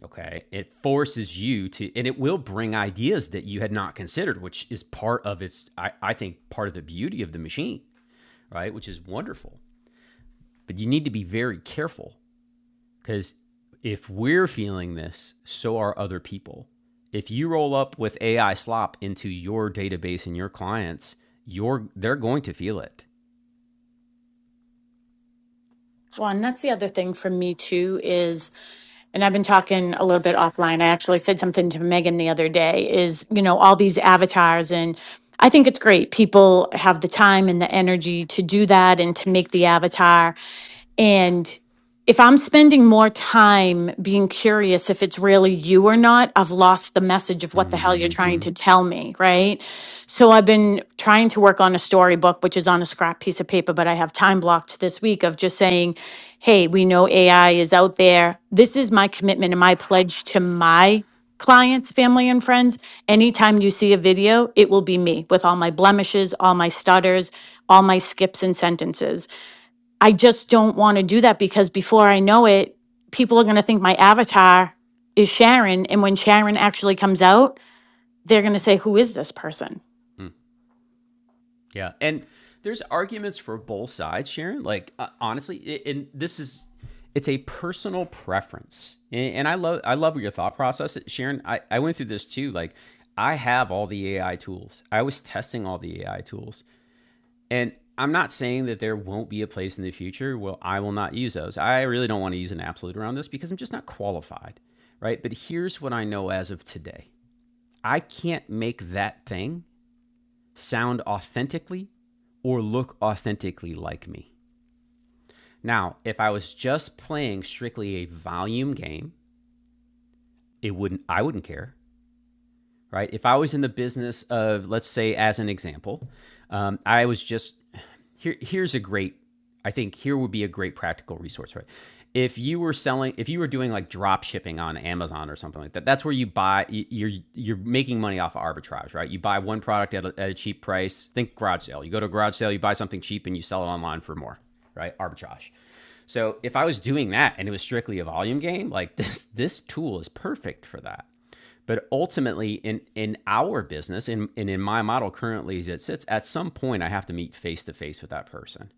A: Okay. It forces you to, and it will bring ideas that you had not considered, which is part of its, I, I think, part of the beauty of the machine, right? Which is wonderful. But you need to be very careful Because if we're feeling this, so are other people. If you roll up with AI slop into your database and your clients, you're they're going to feel it.
L: Well, and that's the other thing for me too is and I've been talking a little bit offline. I actually said something to Megan the other day is, you know, all these avatars and I think it's great. People have the time and the energy to do that and to make the avatar and if I'm spending more time being curious if it's really you or not, I've lost the message of what the hell you're trying
A: Mm-hmm.
L: to tell me, right? So I've been trying to work on a storybook, which is on a scrap piece of paper, but I have time blocked this week of just saying, hey, we know AI is out there. This is my commitment and my pledge to my clients, family, and friends. Anytime you see a video, it will be me with all my blemishes, all my stutters, all my skips and sentences I just don't want to do that because before I know it, people are going to think my avatar is Sharon. And when Sharon actually comes out, they're going to say, Who is this person?
A: Mm. Yeah, and there's arguments for both sides, Sharon. Like uh, honestly, it, and this is it's a personal preference, and, and I love I love your thought process, Sharon. I, I went through this too. Like I have all the AI tools. I was testing all the AI tools. And I'm not saying that there won't be a place in the future where I will not use those. I really don't want to use an absolute around this because I'm just not qualified, right? But here's what I know as of today I can't make that thing sound authentically or look authentically like me. Now, if I was just playing strictly a volume game, it wouldn't I wouldn't care. right? If I was in the business of, let's say, as an example, um, I was just here. Here's a great, I think here would be a great practical resource, right? If you were selling, if you were doing like drop shipping on Amazon or something like that, that's where you buy. you- are you're making money off of arbitrage, right? You buy one product at a, at a cheap price. Think garage sale. You go to a garage sale, you buy something cheap, and you sell it online for more, right? Arbitrage. So if I was doing that and it was strictly a volume game, like this this tool is perfect for that. But ultimately, in in our business, in and in my model currently as it sits, at some point I have to meet face to face with that person.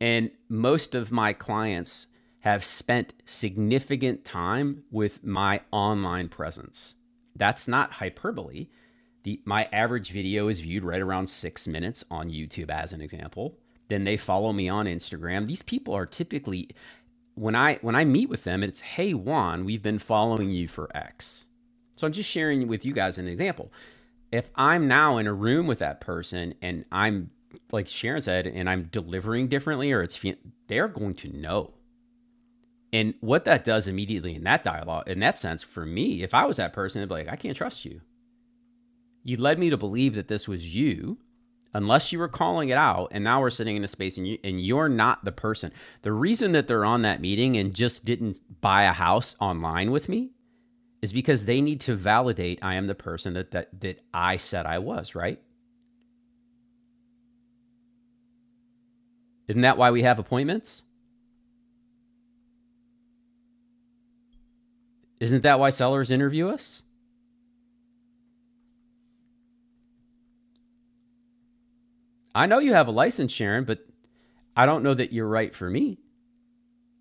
A: And most of my clients have spent significant time with my online presence. That's not hyperbole. The, my average video is viewed right around six minutes on YouTube, as an example. Then they follow me on Instagram. These people are typically when I when I meet with them, it's hey Juan, we've been following you for X. So I'm just sharing with you guys an example. If I'm now in a room with that person and I'm like Sharon said, and I'm delivering differently, or it's they're going to know. And what that does immediately in that dialogue, in that sense, for me, if I was that person, I'd be like, I can't trust you you led me to believe that this was you unless you were calling it out and now we're sitting in a space and you and you're not the person the reason that they're on that meeting and just didn't buy a house online with me is because they need to validate i am the person that that, that i said i was right isn't that why we have appointments isn't that why sellers interview us i know you have a license sharon but i don't know that you're right for me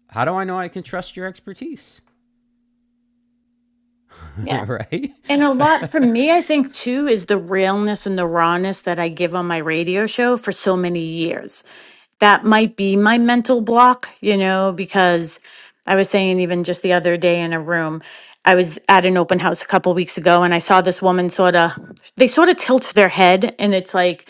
A: how do i know i can trust your expertise <laughs>
L: Yeah.
A: right
L: And a lot for me, I think too, is the realness and the rawness that I give on my radio show for so many years. That might be my mental block, you know, because I was saying even just the other day in a room, I was at an open house a couple weeks ago and I saw this woman sort of, they sort of tilt their head and it's like,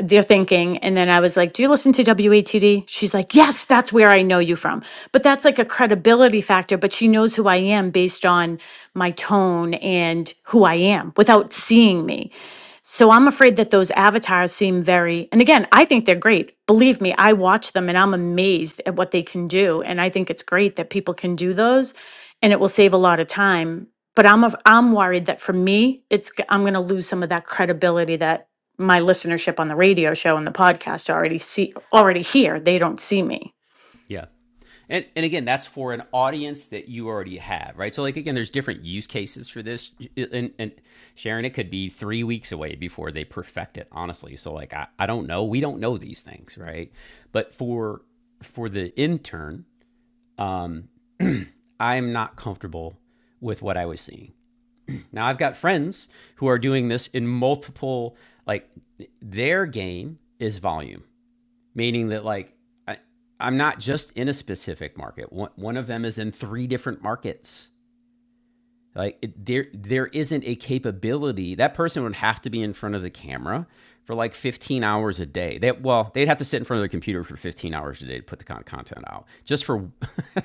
L: their thinking. And then I was like, Do you listen to WATD? She's like, Yes, that's where I know you from. But that's like a credibility factor, but she knows who I am based on my tone and who I am without seeing me. So I'm afraid that those avatars seem very, and again, I think they're great. Believe me, I watch them and I'm amazed at what they can do. And I think it's great that people can do those and it will save a lot of time. But I'm, af- I'm worried that for me, it's, g- I'm going to lose some of that credibility that my listenership on the radio show and the podcast already see already here. They don't see me.
A: Yeah. And and again, that's for an audience that you already have, right? So like again, there's different use cases for this, and and Sharon, it could be three weeks away before they perfect it. Honestly, so like I, I don't know, we don't know these things, right? But for for the intern, um, I'm not comfortable with what I was seeing. Now I've got friends who are doing this in multiple, like their game is volume meaning that like I, I'm not just in a specific market. One, one of them is in three different markets. Like it, there, there isn't a capability that person would have to be in front of the camera for like 15 hours a day. They, well, they'd have to sit in front of the computer for 15 hours a day to put the con- content out, just for,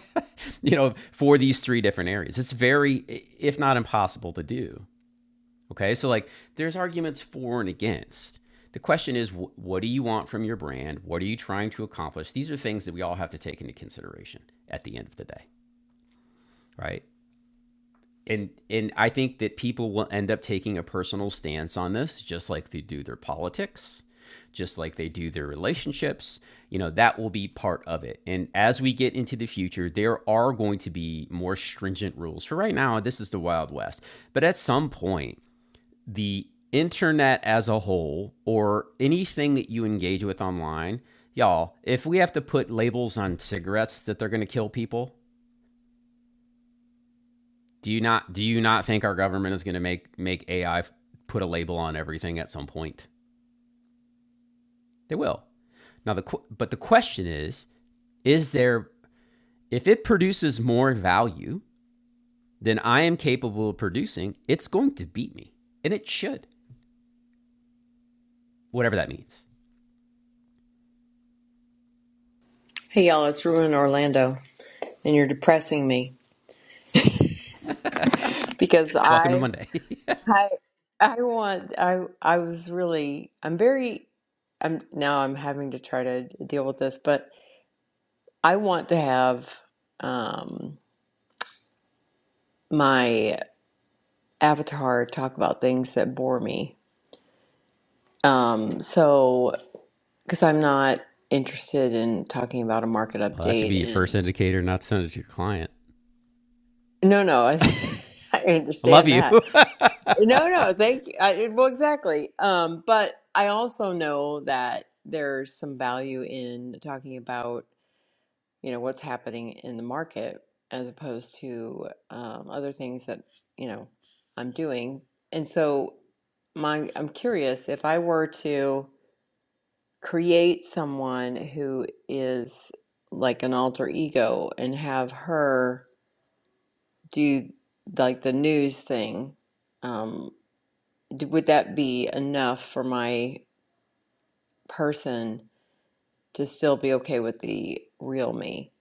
A: <laughs> you know, for these three different areas. It's very, if not impossible, to do. Okay, so like there's arguments for and against. The question is, wh- what do you want from your brand? What are you trying to accomplish? These are things that we all have to take into consideration at the end of the day, right? And and I think that people will end up taking a personal stance on this, just like they do their politics, just like they do their relationships. You know, that will be part of it. And as we get into the future, there are going to be more stringent rules. For right now, this is the Wild West. But at some point, the internet as a whole or anything that you engage with online, y'all, if we have to put labels on cigarettes that they're going to kill people, do you not do you not think our government is going to make make AI put a label on everything at some point? They will. Now the but the question is, is there if it produces more value than I am capable of producing, it's going to beat me, and it should, whatever that means.
Q: Hey y'all, it's Rue in Orlando, and you're depressing me because
A: Welcome to
Q: I,
A: Monday. <laughs>
Q: I, I want. I, I was really. I'm very. I'm now. I'm having to try to deal with this, but I want to have um, my avatar talk about things that bore me. Um, so, because I'm not interested in talking about a market
A: Well, that should be
Q: update,
A: your first
Q: and
A: indicator not to send it to your client.
Q: no, no, <laughs> I, I
A: I love
Q: understand
A: you.
Q: that.
A: <laughs>
Q: No, no, thank you. I, well, exactly. Um, but I also know that there's some value in talking about, you know, what's happening in the market as opposed to um, other things that, you know, I'm doing. And so my, I'm curious if I were to create someone who is like an alter ego and have her do like the news thing. um, d- would that be enough for my person to still be okay with the real me?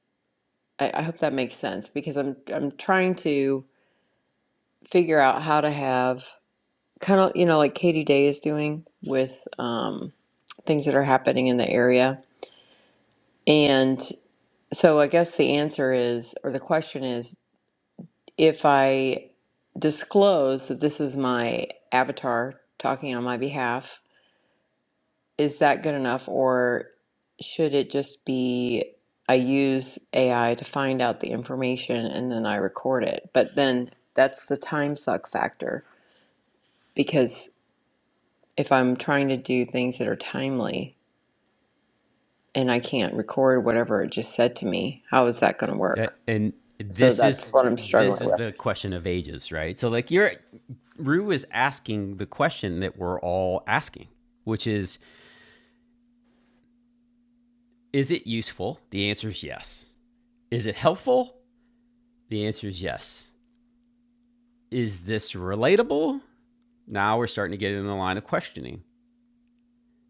Q: I, I hope that makes sense because I'm I'm trying to figure out how to have kind of you know like Katie Day is doing with um, things that are happening in the area, and so I guess the answer is or the question is if I disclose that this is my avatar talking on my behalf is that good enough or should it just be I use AI to find out the information and then I record it? But then that's the time suck factor because if I'm trying to do things that are timely and I can't record whatever it just said to me, how is that going to work?
A: that, and
Q: So
A: this is
Q: that's what I'm
A: this
Q: struggling
A: is
Q: with.
A: the question of ages, right? So like you're Rue is asking the question that we're all asking, which is is it useful? The answer is yes. Is it helpful? The answer is yes. Is this relatable? Now we're starting to get in the line of questioning.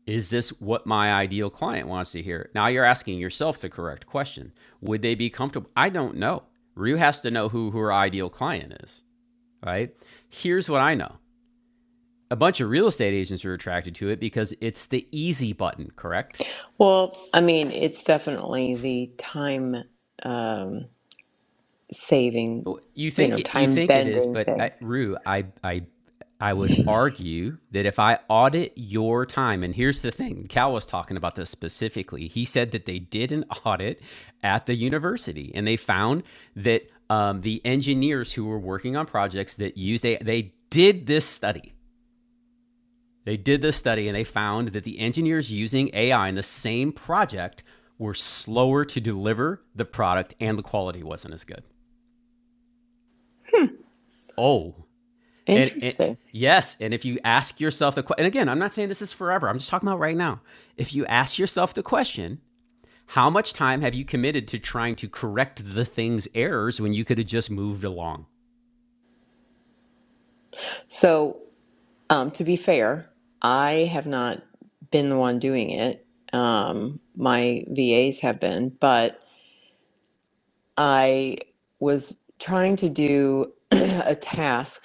A: Is this what my ideal client wants to hear? Now you're asking yourself the correct question. Would they be comfortable? I don't know. Ryu has to know who, who her ideal client is, right? Here's what I know a bunch of real estate agents are attracted to it because it's the easy button, correct?
Q: Well, I mean, it's definitely the time um, saving,
A: Well, You
Q: you
A: think
Q: know,
A: it, you
Q: time
A: think it is,
Q: bending
A: but I,
Q: thing.
A: Rue, I I I would argue that if I audit your time, and here's the thing, Cal was talking about this specifically. He said that they did an audit at the university, and they found that um, the engineers who were working on projects that used AI, they did this study. They did this study, and they found that the engineers using AI in the same project were slower to deliver the product, and the quality wasn't as good. Oh, And it,
Q: Interesting.
A: yes, and if you ask yourself the question, and again, I'm not saying this is forever, I'm just talking about right now. If you ask yourself the question, how much time have you committed to trying to correct the thing's errors when you could have just moved along?
Q: So, Um, to be fair, I have not been the one doing it. Um, my VAs have been, but I was trying to do <clears throat> a task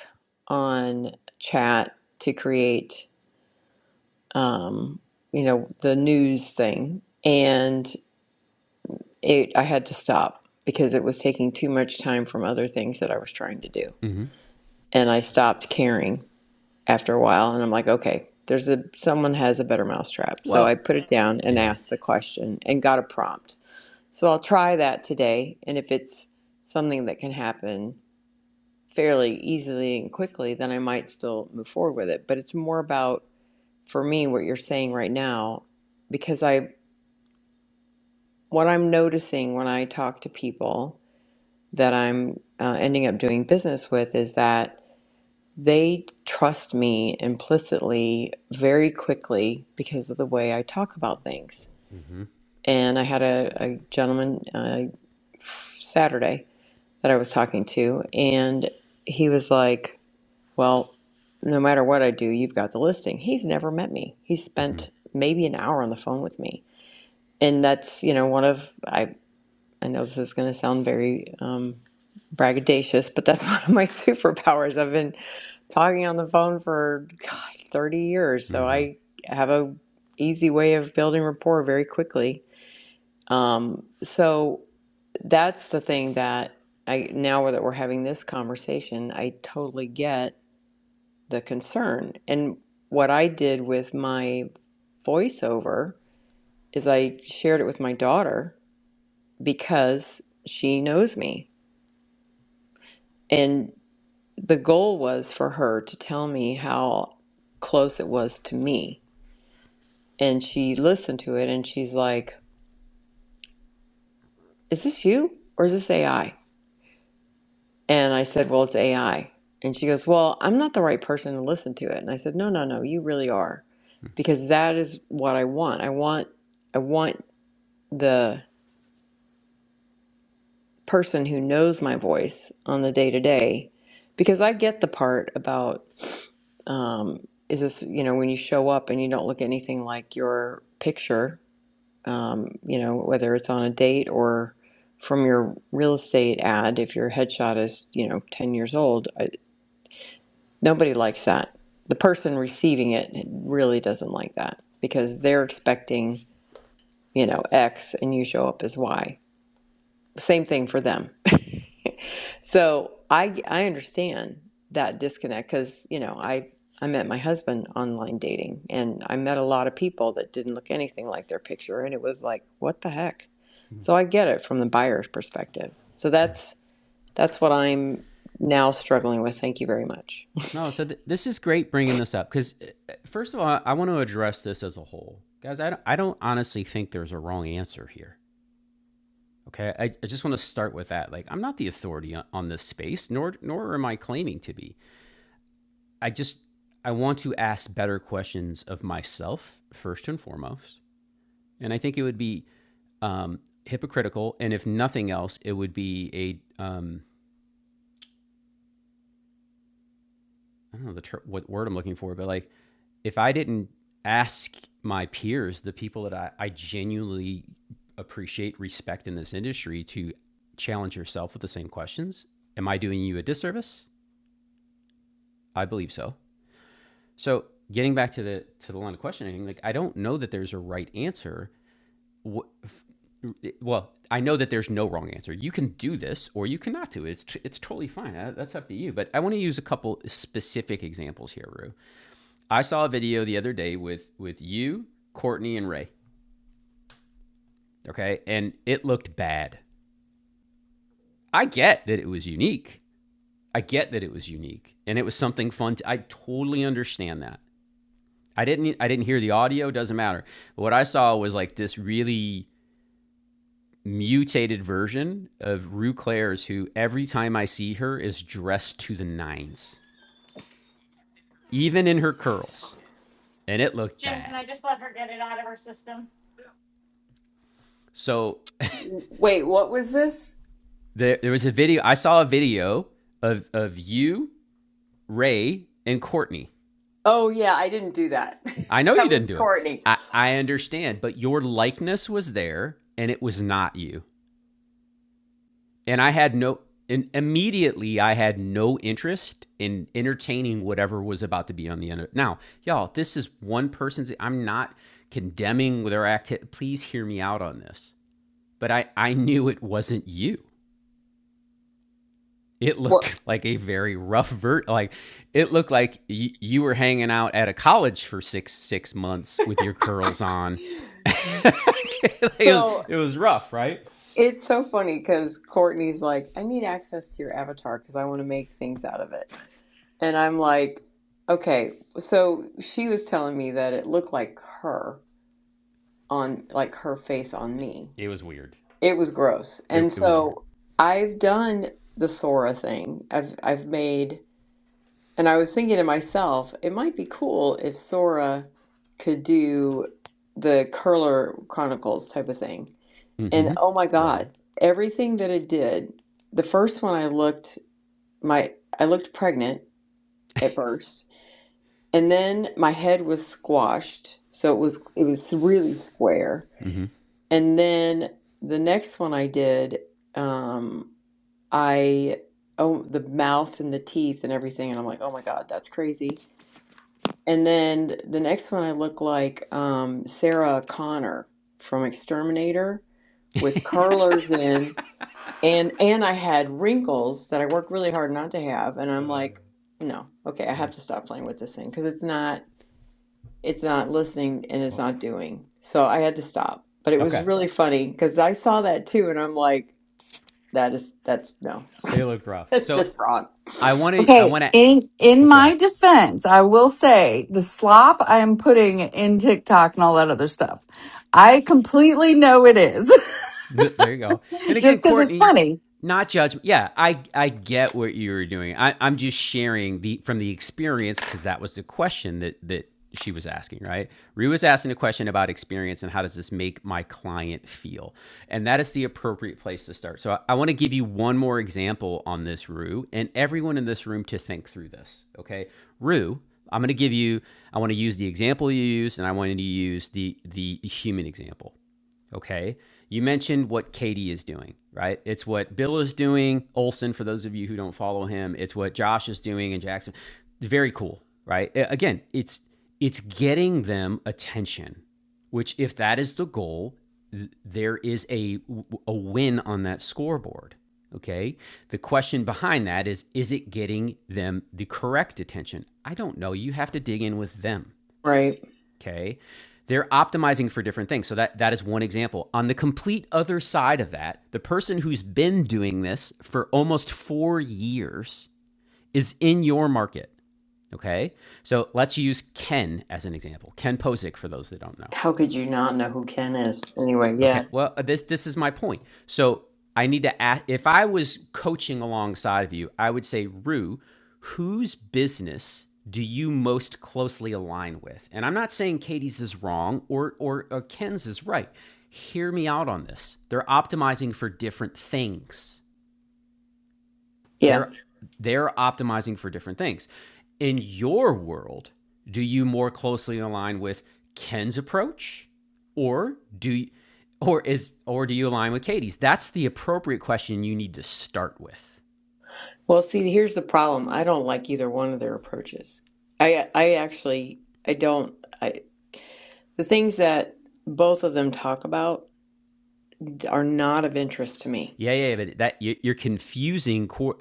Q: on chat to create, um, you know, the news thing, and it I had to stop because it was taking too much time from other things that I was trying to do,
A: Mm-hmm.
Q: and I stopped caring after a while and I'm like, okay, there's a someone has a better mousetrap. So I
A: Well,
Q: put it down and
A: yeah.
Q: asked the question and got a prompt. So I'll try that today and if it's something that can happen fairly easily and quickly, then I might still move forward with it. But it's more about for me what you're saying right now because I what I'm noticing when I talk to people that I'm uh, ending up doing business with is that They trust me implicitly very quickly because of the way I talk about things. And I had a, a gentleman uh, Saturday that I was talking to, and he was like, Well, no matter what I do, you've got the listing. He's never met me. He
A: Mm-hmm.
Q: spent maybe an hour on the phone with me. And that's, you know, one of, I, I know this is going to sound very um, braggadocious, but that's <laughs> one of my superpowers. I've been talking on the phone for God, 30 years, so
A: Mm-hmm.
Q: I have a easy way of building rapport very quickly. Um, so that's the thing that I now that we're having this conversation, I totally get the concern. And what I did with my voiceover is I shared it with my daughter because she knows me. And the goal was for her to tell me how close it was to me And she listened to it and she's like, Is this you or is this AI? And I said, Well, it's AI. And she goes, Well, I'm not the right person to listen to it. And I said, No, no, no, you really are. Because that is what I want. I want I want the person who knows my voice on the day to day. Because I get the part about um, is this, you know, when you show up and you don't look anything like your picture um, you know, whether it's on a date or from your real estate ad, if your headshot is, you know, 10 years old, I, nobody likes that. The person receiving it really doesn't like that because they're expecting, you know, X and you show up as Y. Same thing for them. So I I understand that disconnect because you know I I met my husband online dating and I met a lot of people that didn't look anything like their picture and it was like what the heck. So I get it from the buyer's perspective. So
A: Yeah.
Q: that's that's what I'm now struggling with. Thank you very much.
A: No, so th- this is great bringing this up because, first of all, I, I want to address this as a whole. Guys, I don't, I don't honestly think there's a wrong answer here. Okay. I, I just want to start with that. Like, I'm not the authority on, on this space, nor, nor am I claiming to be. I just I want to ask better questions of myself first and foremost, and I think it would be um, hypocritical, and if nothing else, it would be a um, I don't know the ter- what word I'm looking for, but like if I didn't ask my peers, the people that I, I genuinely appreciate, respect in this industry, to challenge yourself with the same questions, am I doing you a disservice? I believe so. So getting back to the to the line of questioning, like I don't know that there's a right answer well, I know that there's no wrong answer. You can do this or you cannot do it. It's, it's totally fine. Uh, That's up to you. But I want to use a couple specific examples here, Rue. I saw a video the other day with with you, Courtney, and Ray. Okay, and it looked bad. I get that it was unique. I get that it was unique, and it was something fun. To, I totally understand that. I didn't e, I didn't hear the audio. Doesn't matter. But what I saw was like this really mutated version of Rue Claire's, who every time I see her is dressed to the nines, even in her curls. And it looked bad. So
Q: Wait, what was this?
A: there, there was a video, I saw a video of, of you, Ray, and Courtney.
Q: Oh, yeah, I didn't do that. <laughs>
A: I know you
Q: That was
A: didn't do it.
Q: Courtney.
A: I, I understand, but your likeness was there and it was not you. and I had no and immediately I had no interest in entertaining whatever was about to be on the end of it. Now, y'all, this is one person's I'm not condemning their act. Please hear me out on this. But I I knew it wasn't you. It
Q: Well,
A: looked <laughs> like a very rough vert like it looked like y- you were hanging out at a college for 6 6 months with your curls on. <laughs> it, was,
Q: So
A: it was rough, right?
Q: it's so funny because Courtney's like, I need access to your avatar because I want to make things out of it. And I'm like, okay, so she was telling me that it looked like her on like her face on me.
A: It was weird.
Q: It was gross.
A: It,
Q: And
A: it was weird.
Q: so I've done the Sora thing. I've I've made and I was thinking to myself, it might be cool if Sora could do the Curler Chronicles type of thing. And
A: Mhm.
Q: oh my God,
A: That.
Q: everything that it did, the first one I looked my I looked pregnant at first and then my head was squashed so it was it was really square
A: Mhm.
Q: and then the next one i did um i oh the mouth and the teeth and everything and i'm like oh my god that's crazy and then th- the next one i look like um sarah connor from exterminator with curlers in and and i had wrinkles that i worked really hard not to have and i'm like no okay i
A: Yeah.
Q: have to stop playing with this thing because it's not it's not listening and it's
A: What?
Q: not doing. So I had to stop. But it was
A: Okay,
Q: really funny because I saw that too, and I'm like, that is, that's no,
A: they look
Q: <laughs>
A: rough.
Q: that's
A: So
Q: just wrong.
A: I want to. I
C: Okay,
A: want to.
C: in in
A: Oh, go ahead.
C: my defense, I will say the slop I am putting in TikTok and all that other stuff. I completely know it is.
A: There you go. And
C: <laughs> Just
A: again,
C: cuz it's
A: Courtney,
C: funny.
A: not judgment. Yeah, I I get what you were doing. I, I'm just sharing the from the experience because that was the question that that she was asking. Right, Rue was asking a question about experience and how does this make my client feel, and that is the appropriate place to start. So I, I want to give you one more example on this, Rue, and everyone in this room to think through this. Okay, Rue. I'm going to give you. I want to use the example you used, and I want to use the the human example. Okay. You mentioned what Katie is doing, right? It's what Bill is doing, Olson, for those of you who don't follow him. It's what Josh is doing in Jackson. Very cool, right? Again, it's it's getting them attention, which if that is the goal, th- there is a a win on that scoreboard. Okay. The question behind that is is it getting them the correct attention? I don't know. You have to dig in with them.
Q: Right.
A: Okay. They're optimizing for different things. So that that is one example. On the complete other side of that, the person who's been doing this for almost 4 years is in your market, okay? So let's use Ken as an example. Ken Posick for those that don't know.
Q: How could you not know who Ken is? Anyway,
A: Okay.
Q: yeah.
A: Well, uh, this this is my point. So I need to ask if I was coaching alongside of you, I would say, Rue, whose business do you most closely align with? And I'm not saying Katie's is wrong or or, or Ken's is right. Hear me out on this. They're optimizing for different things.
Q: Yeah.
A: They're they're optimizing for different things. In your world, do you more closely align with Ken's approach or do you, or is or do you align with Katie's? That's the appropriate question you need to start with.
Q: Well, see, here's the problem. I don't like either one of their approaches. I I actually I don't I the things that both of them talk about are not of interest to me
A: Yeah, yeah, but that you- are confusing cor-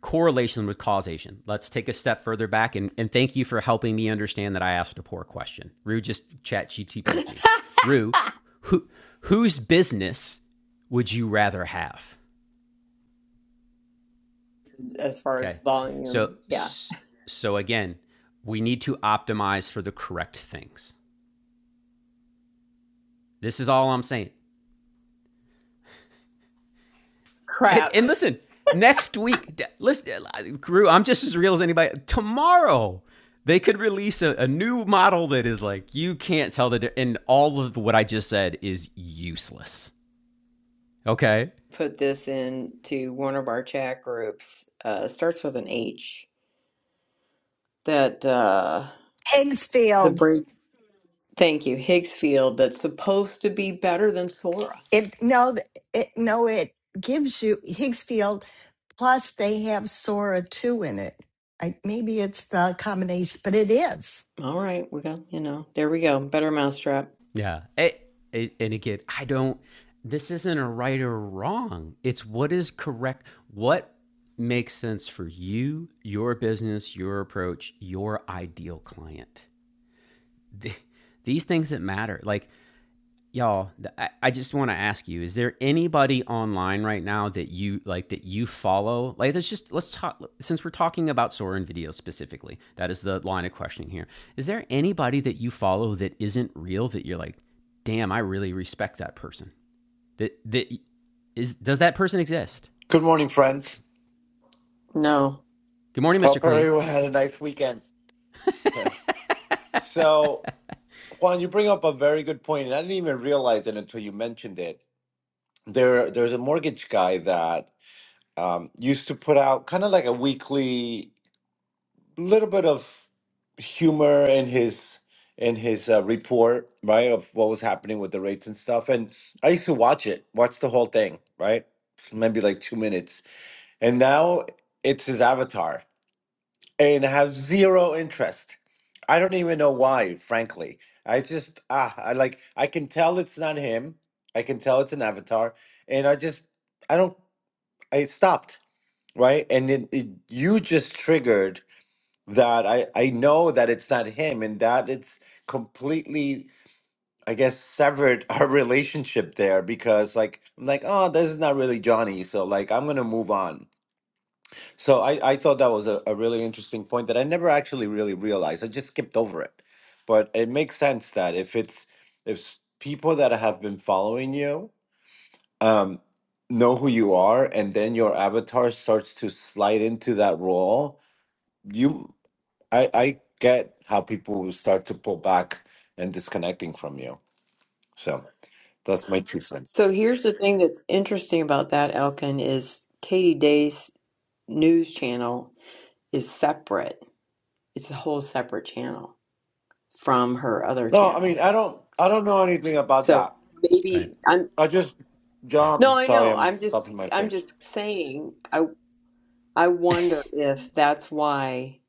A: correlation with causation. Let's take a step further back and, and thank you for helping me understand that I asked a poor question. Rue just chat GTP'd me. Rue, who whose business would you rather have?
Q: as far as
A: Okay. So
Q: volume. Yeah.
A: so again, we need to optimize for the correct things. This is all I'm saying. And,
Q: Crap. <laughs>
A: and listen, next week, listen, crew, I'm just as real as anybody. Tomorrow, they could release a, a new model that is like you can't tell the di- and all of what I just said is useless. Okay?
Q: put this into one of our chat groups. Uh, it starts with an H. That uh, the
K: Higgsfield.
Q: break. Thank you, Higgsfield. That's supposed to be better than Sora.
K: It no, th- it no, it gives you Higgsfield. Plus, they have Sora two in it. I, maybe it's the combination, but it is
Q: All right, we got you know. There we go. Better mousetrap.
A: Yeah. It, it, and again, I don't, this isn't a right or wrong. It's what is correct, what makes sense for you, your business, your approach, your ideal client. <laughs> These things that matter. Like y'all i, I just want to ask you is there anybody online right now that you like that you follow like let's just let's talk since we're talking about soren video specifically that is the line of questioning here is there anybody that you follow that isn't real that you're like damn i really respect that person that that is does that person exist
R: Good morning, friends.
Q: No.
A: good morning mr
R: Hope
A: clean
R: everyone had a nice weekend. <laughs> So, Juan, you bring up a very good point, and I didn't even realize it until you mentioned it. There, there's a mortgage guy that um, used to put out kind of like a weekly little bit of humor in his in his uh, report, right, of what was happening with the rates and stuff. And I used to watch it, watch the whole thing, right, It's maybe like two minutes. And now it's his avatar and have zero interest. I don't even know why, frankly. I just ah, I like I can tell it's not him. I can tell it's an avatar, and I just I don't I stopped right, and it, it, you just triggered that. I I know that it's not him, and that it's completely I guess severed our <laughs> relationship there because like I'm like oh this is not really Johnny, so like I'm gonna move on so I, I thought that was a, a really interesting point that I never actually really realized. I just skipped over it. But it makes sense that if it's if people that have been following you um, know who you are and then your avatar starts to slide into that role, you I, I get how people will start to pull back and disconnecting from you. So that's my two cents.
Q: So here's the thing that's interesting about that, Elkin, is Katie Day's news channel is separate. It's a whole separate channel from her other
R: No, I mean
Q: channel.
R: I don't I don't know anything about
Q: So
R: that.
A: Right.
Q: maybe I'm
R: I just
A: Right.
R: John,
Q: no, I
R: sorry,
Q: know.
R: I'm
Q: I'm just
R: stuffing my
Q: I'm
R: face.
Q: just saying. I I wonder if that's why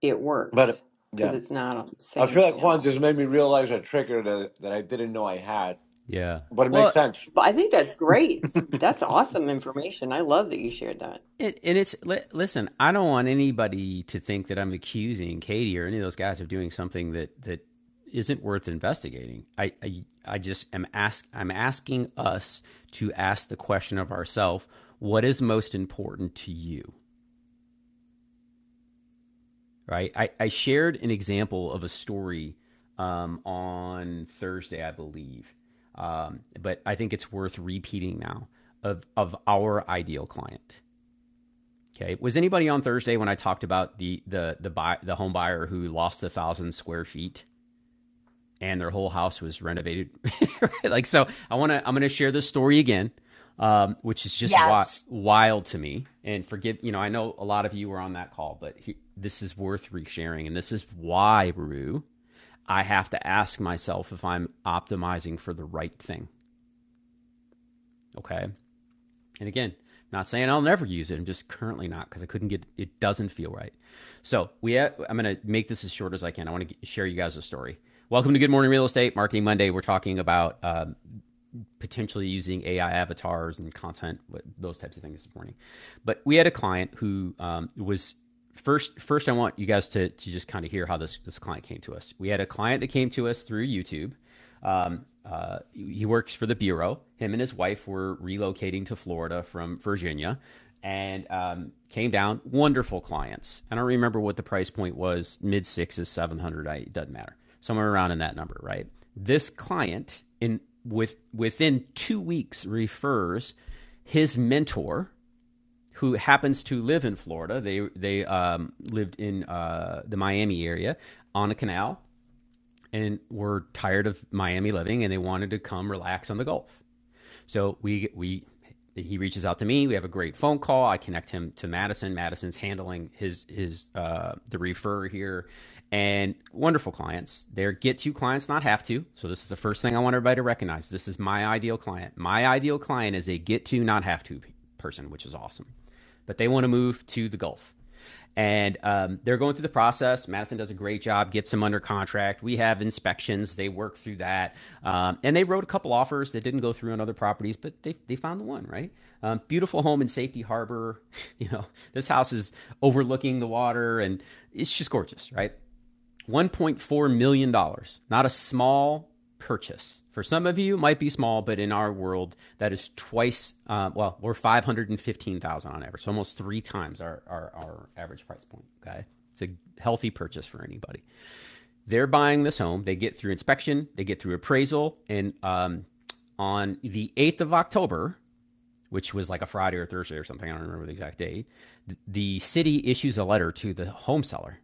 Q: it works
R: But
Q: because
R: yeah,
Q: it's not on the
R: I
Q: same
R: feel like Juan
Q: channel.
R: just made me realize a trigger that that I didn't know I had.
A: yeah
R: But it makes
A: well
R: sense.
Q: But I think that's great. That's awesome information. I love that you shared that.
A: And, and it's li- listen. I don't want anybody to think that I'm accusing Katie or any of those guys of doing something that that isn't worth investigating. I I, I just am ask I'm asking us to ask the question of ourselves: What is most important to you? Right. I, I shared an example of a story um, on Thursday, I believe, um, but I think it's worth repeating now of of our ideal client. Okay. Was anybody on Thursday when I talked about the the the buy, the home buyer who lost a thousand square feet and their whole house was renovated? <laughs> like so, I want to I'm going to share this story again, um, which is just wi-
K: yes
A: wild to me. And forgive you know I know a lot of you were on that call, but he, this is worth resharing, and this is why Rue I have to ask myself if I'm optimizing for the right thing. Okay. And again, not saying I'll never use it. I'm just currently not because I couldn't get. It doesn't feel right. So we. Ha- I'm going to make this as short as I can. I want to get, share you guys a story. Welcome to Good Morning Real Estate Marketing Monday. We're talking about um, potentially using AI avatars and content, those types of things this morning. But we had a client who um, was first first I want you guys to to just kind of hear how this this client came to us. We had a client that came to us through YouTube. Um, uh, he works for the bureau. Him and his wife were relocating to Florida from Virginia, and um, came down. Wonderful clients. I don't remember what the price point was. Mid sixes, seven hundred. it doesn't matter. Somewhere around in that number, right? This client in with within two weeks refers his mentor who happens to live in Florida. They they um, lived in uh, the Miami area on a canal and were tired of Miami living, and they wanted to come relax on the Gulf. So we we he reaches out to me. We have a great phone call. I connect him to Madison. Madison's handling his his uh, the refer here, and wonderful clients. They're get to clients, not have to. So this is the first thing I want everybody to recognize. This is my ideal client. My ideal client is a get to, not have to person, which is awesome. But they want to move to the Gulf. And um, they're going through the process. Madison does a great job, gets him under contract. We have inspections. They work through that. Um, and they wrote a couple offers that didn't go through on other properties, but they, they found the one, right? Um, beautiful home in Safety Harbor. <laughs> You know, this house is overlooking the water and it's just gorgeous, right? 1.4 million dollars. Not a small purchase. For some of you, it might be small, but in our world, that is twice. Uh, well, we're 515,000 on average, so almost three times our, our our average price point. Okay, it's a healthy purchase for anybody. They're buying this home. They get through inspection. They get through appraisal, and um, on the 8th of October, which was like a Friday or Thursday or something, I don't remember the exact date, the city issues a letter to the home seller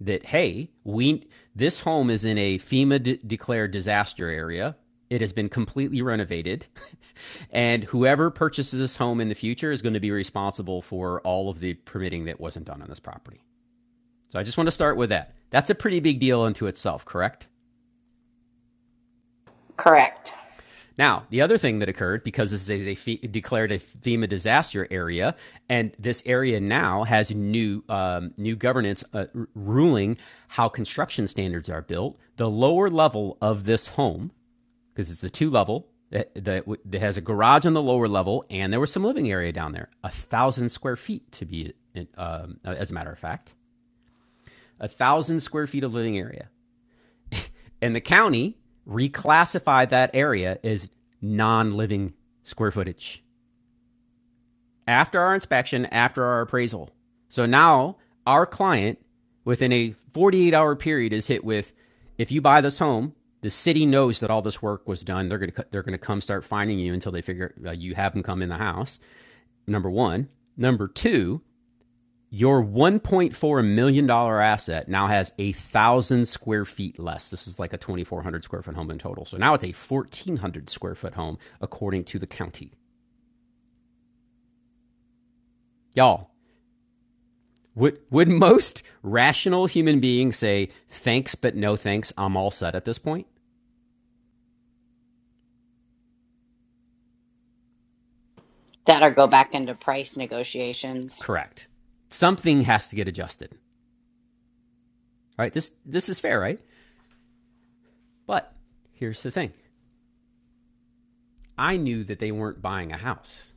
A: that hey, we this home is in a FEMA de- declared disaster area. It has been completely renovated, <laughs> and whoever purchases this home in the future is going to be responsible for all of the permitting that wasn't done on this property. So I just want to start with that. That's a pretty big deal unto itself, correct?
B: Correct.
A: Now, the other thing that occurred, because this is a fe- declared a FEMA disaster area, and this area now has new um, new governance uh, r- ruling how construction standards are built. The lower level of this home, because it's a two level, that, that, that has a garage on the lower level, and there was some living area down there, a thousand square feet to be, uh, um, as a matter of fact, a thousand square feet of living area. And the county reclassified that area as non living square footage after our inspection, after our appraisal. So now our client, within a 48 hour period, is hit with if you buy this home, the city knows that all this work was done. They're going to they're going to come start finding you until they figure uh, you have them come in the house. Number 1, number 2, your $1.4 million dollars asset now has a one thousand square feet less. This is like a 2,400 square foot home in total. So now it's a 1,400 square foot home, according to the county. Y'all, would, would most rational human beings say, thanks, but no thanks, I'm all set at this point?
B: That or go back into price negotiations.
A: Correct. Something has to get adjusted, right? This, this is fair, right? But here's the thing I knew that they weren't buying a house,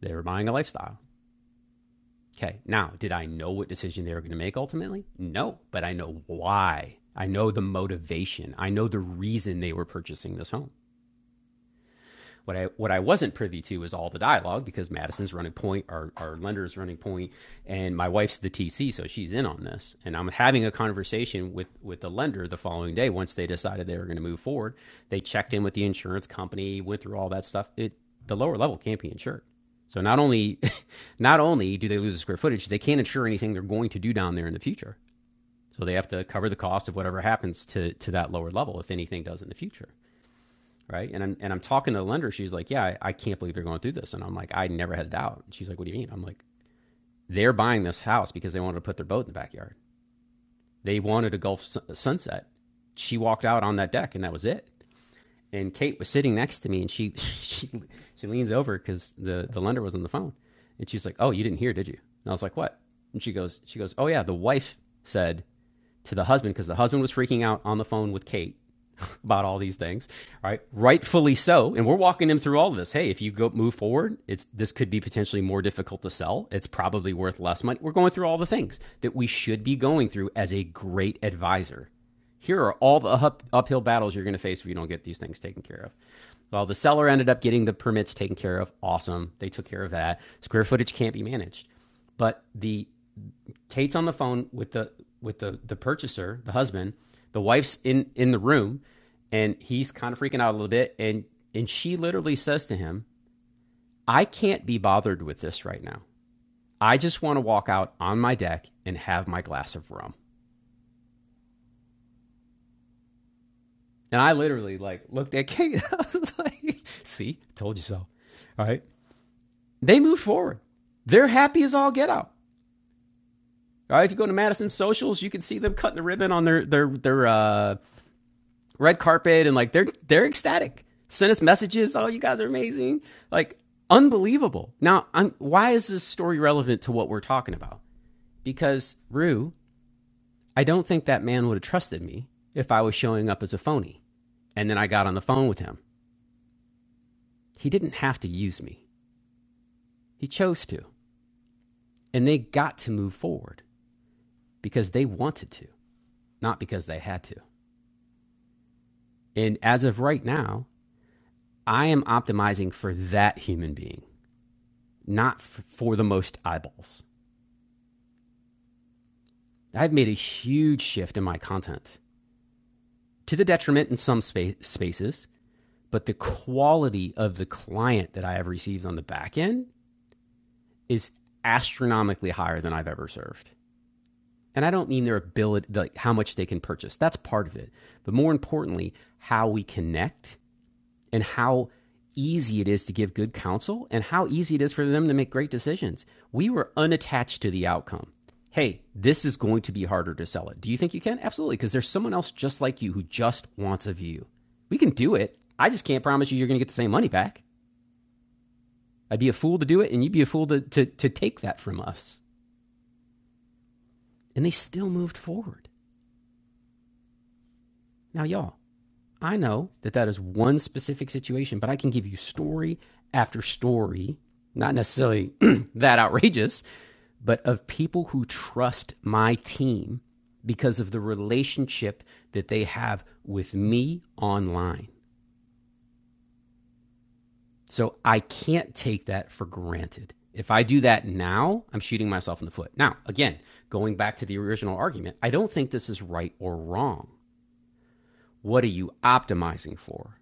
A: they were buying a lifestyle. Okay. Now, did I know what decision they were going to make ultimately? No, but I know why. I know the motivation. I know the reason they were purchasing this home. What I what I wasn't privy to is all the dialogue because Madison's running point, our our lender is running point, and my wife's the TC, so she's in on this. And I'm having a conversation with with the lender the following day. Once they decided they were going to move forward, they checked in with the insurance company, went through all that stuff. It the lower level can't be insured. So not only <laughs> not only do they lose the square footage, they can't insure anything they're going to do down there in the future. So they have to cover the cost of whatever happens to to that lower level if anything does in the future right? And I'm and I'm talking to the lender. She's like, "Yeah, I, I can't believe they're going through this." And I'm like, "I never had a doubt." And she's like, "What do you mean?" I'm like, "They're buying this house because they wanted to put their boat in the backyard. They wanted a Gulf sun- sunset." She walked out on that deck, and that was it. And Kate was sitting next to me, and she <laughs> she she leans over because the the lender was on the phone, and she's like, "Oh, you didn't hear, did you?" And I was like, "What?" And she goes, she goes, "Oh yeah, the wife said to the husband because the husband was freaking out on the phone with Kate <laughs> about all these things. All right, rightfully so. And we're walking them through all of this. Hey, if you go move forward, it's this could be potentially more difficult to sell. It's probably worth less money. We're going through all the things that we should be going through as a great advisor. Here are all the up, uphill battles you're going to face if you don't get these things taken care of. Well, the seller ended up getting the permits taken care of. Awesome. They took care of that. Square footage can't be managed. But the Kate's on the phone with the with the the purchaser, the husband. The wife's in in the room, and he's kind of freaking out a little bit. And and she literally says to him, "I can't be bothered with this right now. I just want to walk out on my deck and have my glass of rum." And I literally like looked at Kate. <laughs> I was like, "See, told you so." All right. They move forward. They're happy as all get out. All right. If you go to Madison socials, you can see them cutting the ribbon on their their their uh, red carpet and like they're they're ecstatic. Send us messages. Oh, you guys are amazing. Like unbelievable. Now, I'm, why is this story relevant to what we're talking about? Because Rue, I don't think that man would have trusted me if I was showing up as a phony. And then I got on the phone with him. He didn't have to use me. He chose to. And they got to move forward because they wanted to, not because they had to. And as of right now, I am optimizing for that human being, not for the most eyeballs. I've made a huge shift in my content to the detriment in some spa- spaces, but the quality of the client that I have received on the back end is astronomically higher than I've ever served. And I don't mean their ability, like how much they can purchase. That's part of it. But more importantly, how we connect and how easy it is to give good counsel and how easy it is for them to make great decisions. We were unattached to the outcome. Hey, this is going to be harder to sell it. Do you think you can? Absolutely, because there's someone else just like you who just wants a view. We can do it. I just can't promise you you're going to get the same money back. I'd be a fool to do it, and you'd be a fool to, to, to take that from us. And they still moved forward. Now, y'all, I know that that is one specific situation, but I can give you story after story, not necessarily <clears throat> that outrageous, but of people who trust my team because of the relationship that they have with me online. So I can't take that for granted. If I do that now, I'm shooting myself in the foot. Now, again, going back to the original argument, I don't think this is right or wrong. What are you optimizing for?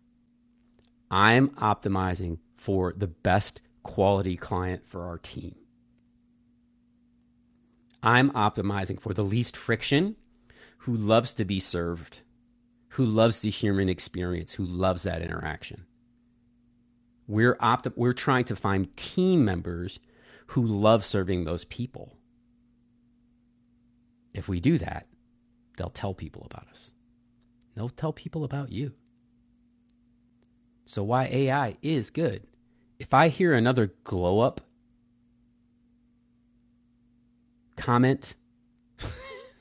A: I'm optimizing for the best quality client for our team. I'm optimizing for the least friction who loves to be served who loves the human experience, who loves that interaction. We're opt- we're trying to find team members who love serving those people. If we do that, they'll tell people about us. They'll tell people about you. So why AI is good. If I hear another glow up comment,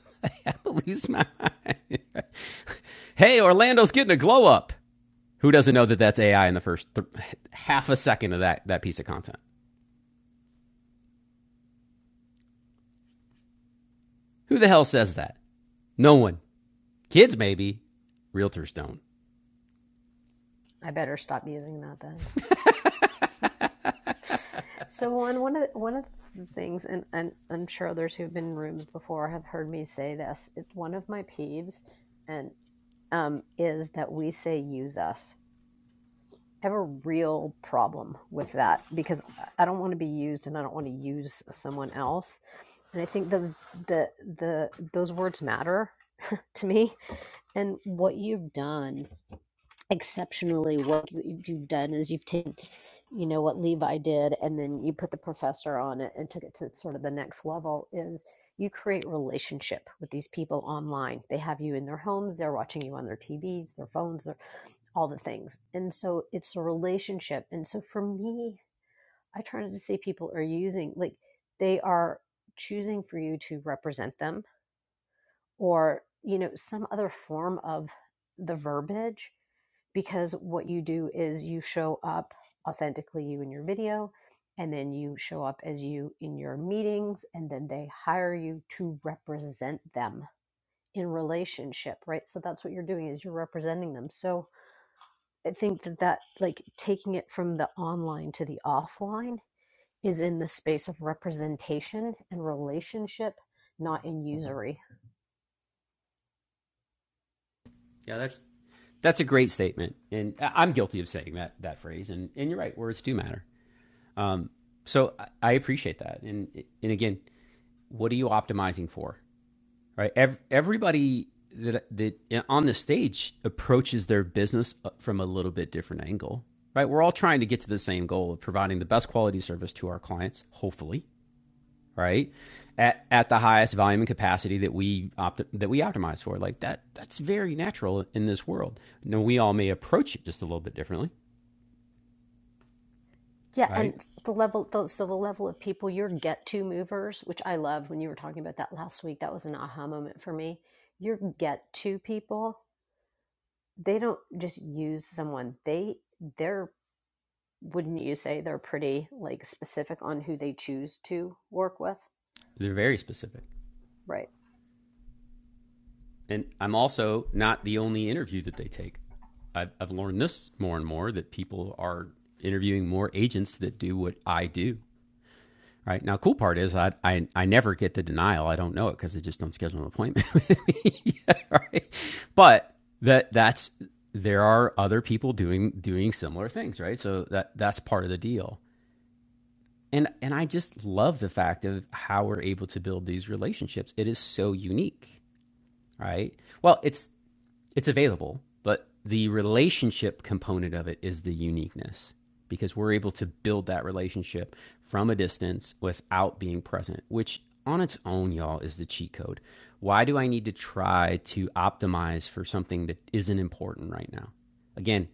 A: <laughs> I lose my mind. <laughs> hey, Orlando's getting a glow up. Who doesn't know that that's AI in the first th- half a second of that, that piece of content? Who the hell says that? No one. Kids maybe, realtors don't.
S: I better stop using that then. <laughs> so one one of the, one of the things, and, and I'm sure others who've been in rooms before have heard me say this. It's one of my peeves, and um, is that we say "use us." I have a real problem with that because I don't want to be used, and I don't want to use someone else. And I think the the the those words matter to me. And what you've done exceptionally what you- you- have done is you've taken you know what levi did and then you put the professor on it and took it to sort of the next level is you create relationship with these people online they have you in their homes they're watching you on their tvs their phones their, all the things and so it's a relationship and so for me i try not to say people are using like they are choosing for you to represent them or you know some other form of the verbiage because what you do is you show up authentically you in your video and then you show up as you in your meetings and then they hire you to represent them in relationship right so that's what you're doing is you're representing them so i think that that like taking it from the online to the offline is in the space of representation and relationship not in usury
A: Yeah, that's That's a great statement, and I- am guilty of saying that that phrase. And and you're right, words do matter. Um, so I- I appreciate that. And and again, what are you optimizing for? Right, Ev- everybody that that eh, on the stage approaches their business uh, from a little bit different angle. Right, we're all trying to get to the same goal of providing the best quality service to our clients, hopefully, right? At, at the highest volume and capacity that we opt, that we optimize for, like that, that's very natural in this world. Now we all may approach it just a little bit differently,
S: Yeah,
A: right?
S: and the level, the, so the level of people, your get to movers, which I loved when you were talking about that last week, that was an aha moment for me. Your get to people, they don't just use someone. They, they're, wouldn't you say they're pretty like specific on who they choose to work with?
A: They're very specific,
S: Right.
A: and I'm also not the only interview that they take. I've, I've learned this more and more that people are interviewing more agents that do what I do, Right now, cool part is I I, I never get the denial. I don't know it because they just don't schedule an appointment. with me. <laughs> Yeah, right? But that that's there are other people doing doing similar things, right? So that that's part of the deal. And and I just love the fact of how we're able to build these relationships. It is so unique, right? Well, it's it's available, but the relationship component of it is the uniqueness because we're able to build that relationship from a distance without being present, which on its own, y'all, is the cheat code. Why do I need to try to optimize for something that isn't important right now? Again,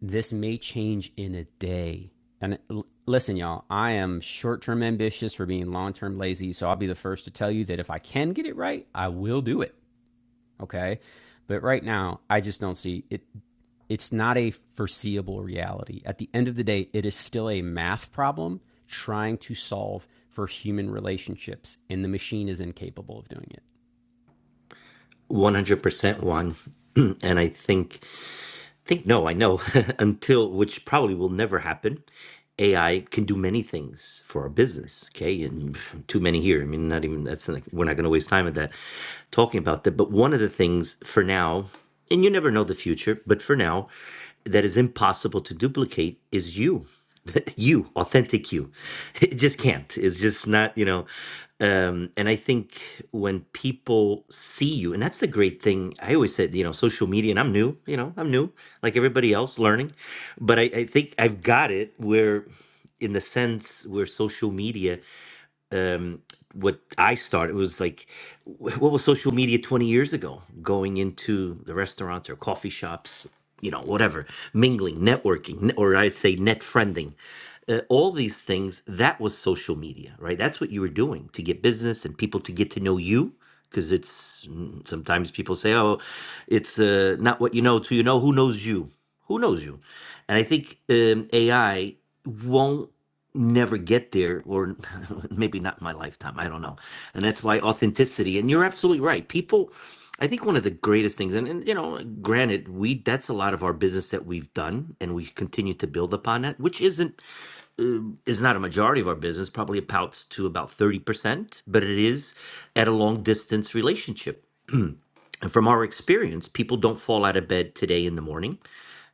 A: this may change in a day. And listen, y'all, I am short term ambitious for being long term lazy. So I'll be the first to tell you that if I can get it right, I will do it. Okay. But right now, I just don't see it. It's not a foreseeable reality. At the end of the day, it is still a math problem trying to solve for human relationships, and the machine is incapable of doing it.
G: 100% Juan. <clears throat> and I think, think no, I know, <laughs> until, which probably will never happen, AI can do many things for our business, okay? And <laughs> pff, too many here. I mean, not even, that's, not- we're not going to waste time at that, talking about that. But one of the things for now, and you never know the future, but for now, that is impossible to duplicate is you <laughs> you authentic you <laughs> it just can't it's just not you know um and i think when people see you and that's the great thing i always said you know social media and i'm new you know i'm new like everybody else learning but i, I think i've got it where in the sense where social media um what i started was like wh- what was social media 20 years ago going into the restaurants or coffee shops you know whatever mingling networking ne- or i'd say net friending uh, all these things that was social media right that's what you were doing to get business and people to get to know you because it's mm, sometimes people say oh it's uh, not what you know to you know who knows you who knows you and i think um, ai won't never get there or <laughs> maybe not in my lifetime i don't know and that's why authenticity and you're absolutely right people i think one of the greatest things and, and you know granted we that's a lot of our business that we've done and we continue to build upon that which isn't uh, is not a majority of our business probably amounts to about 30% but it is at a long distance relationship and from our experience people don't fall out of bed today in the morning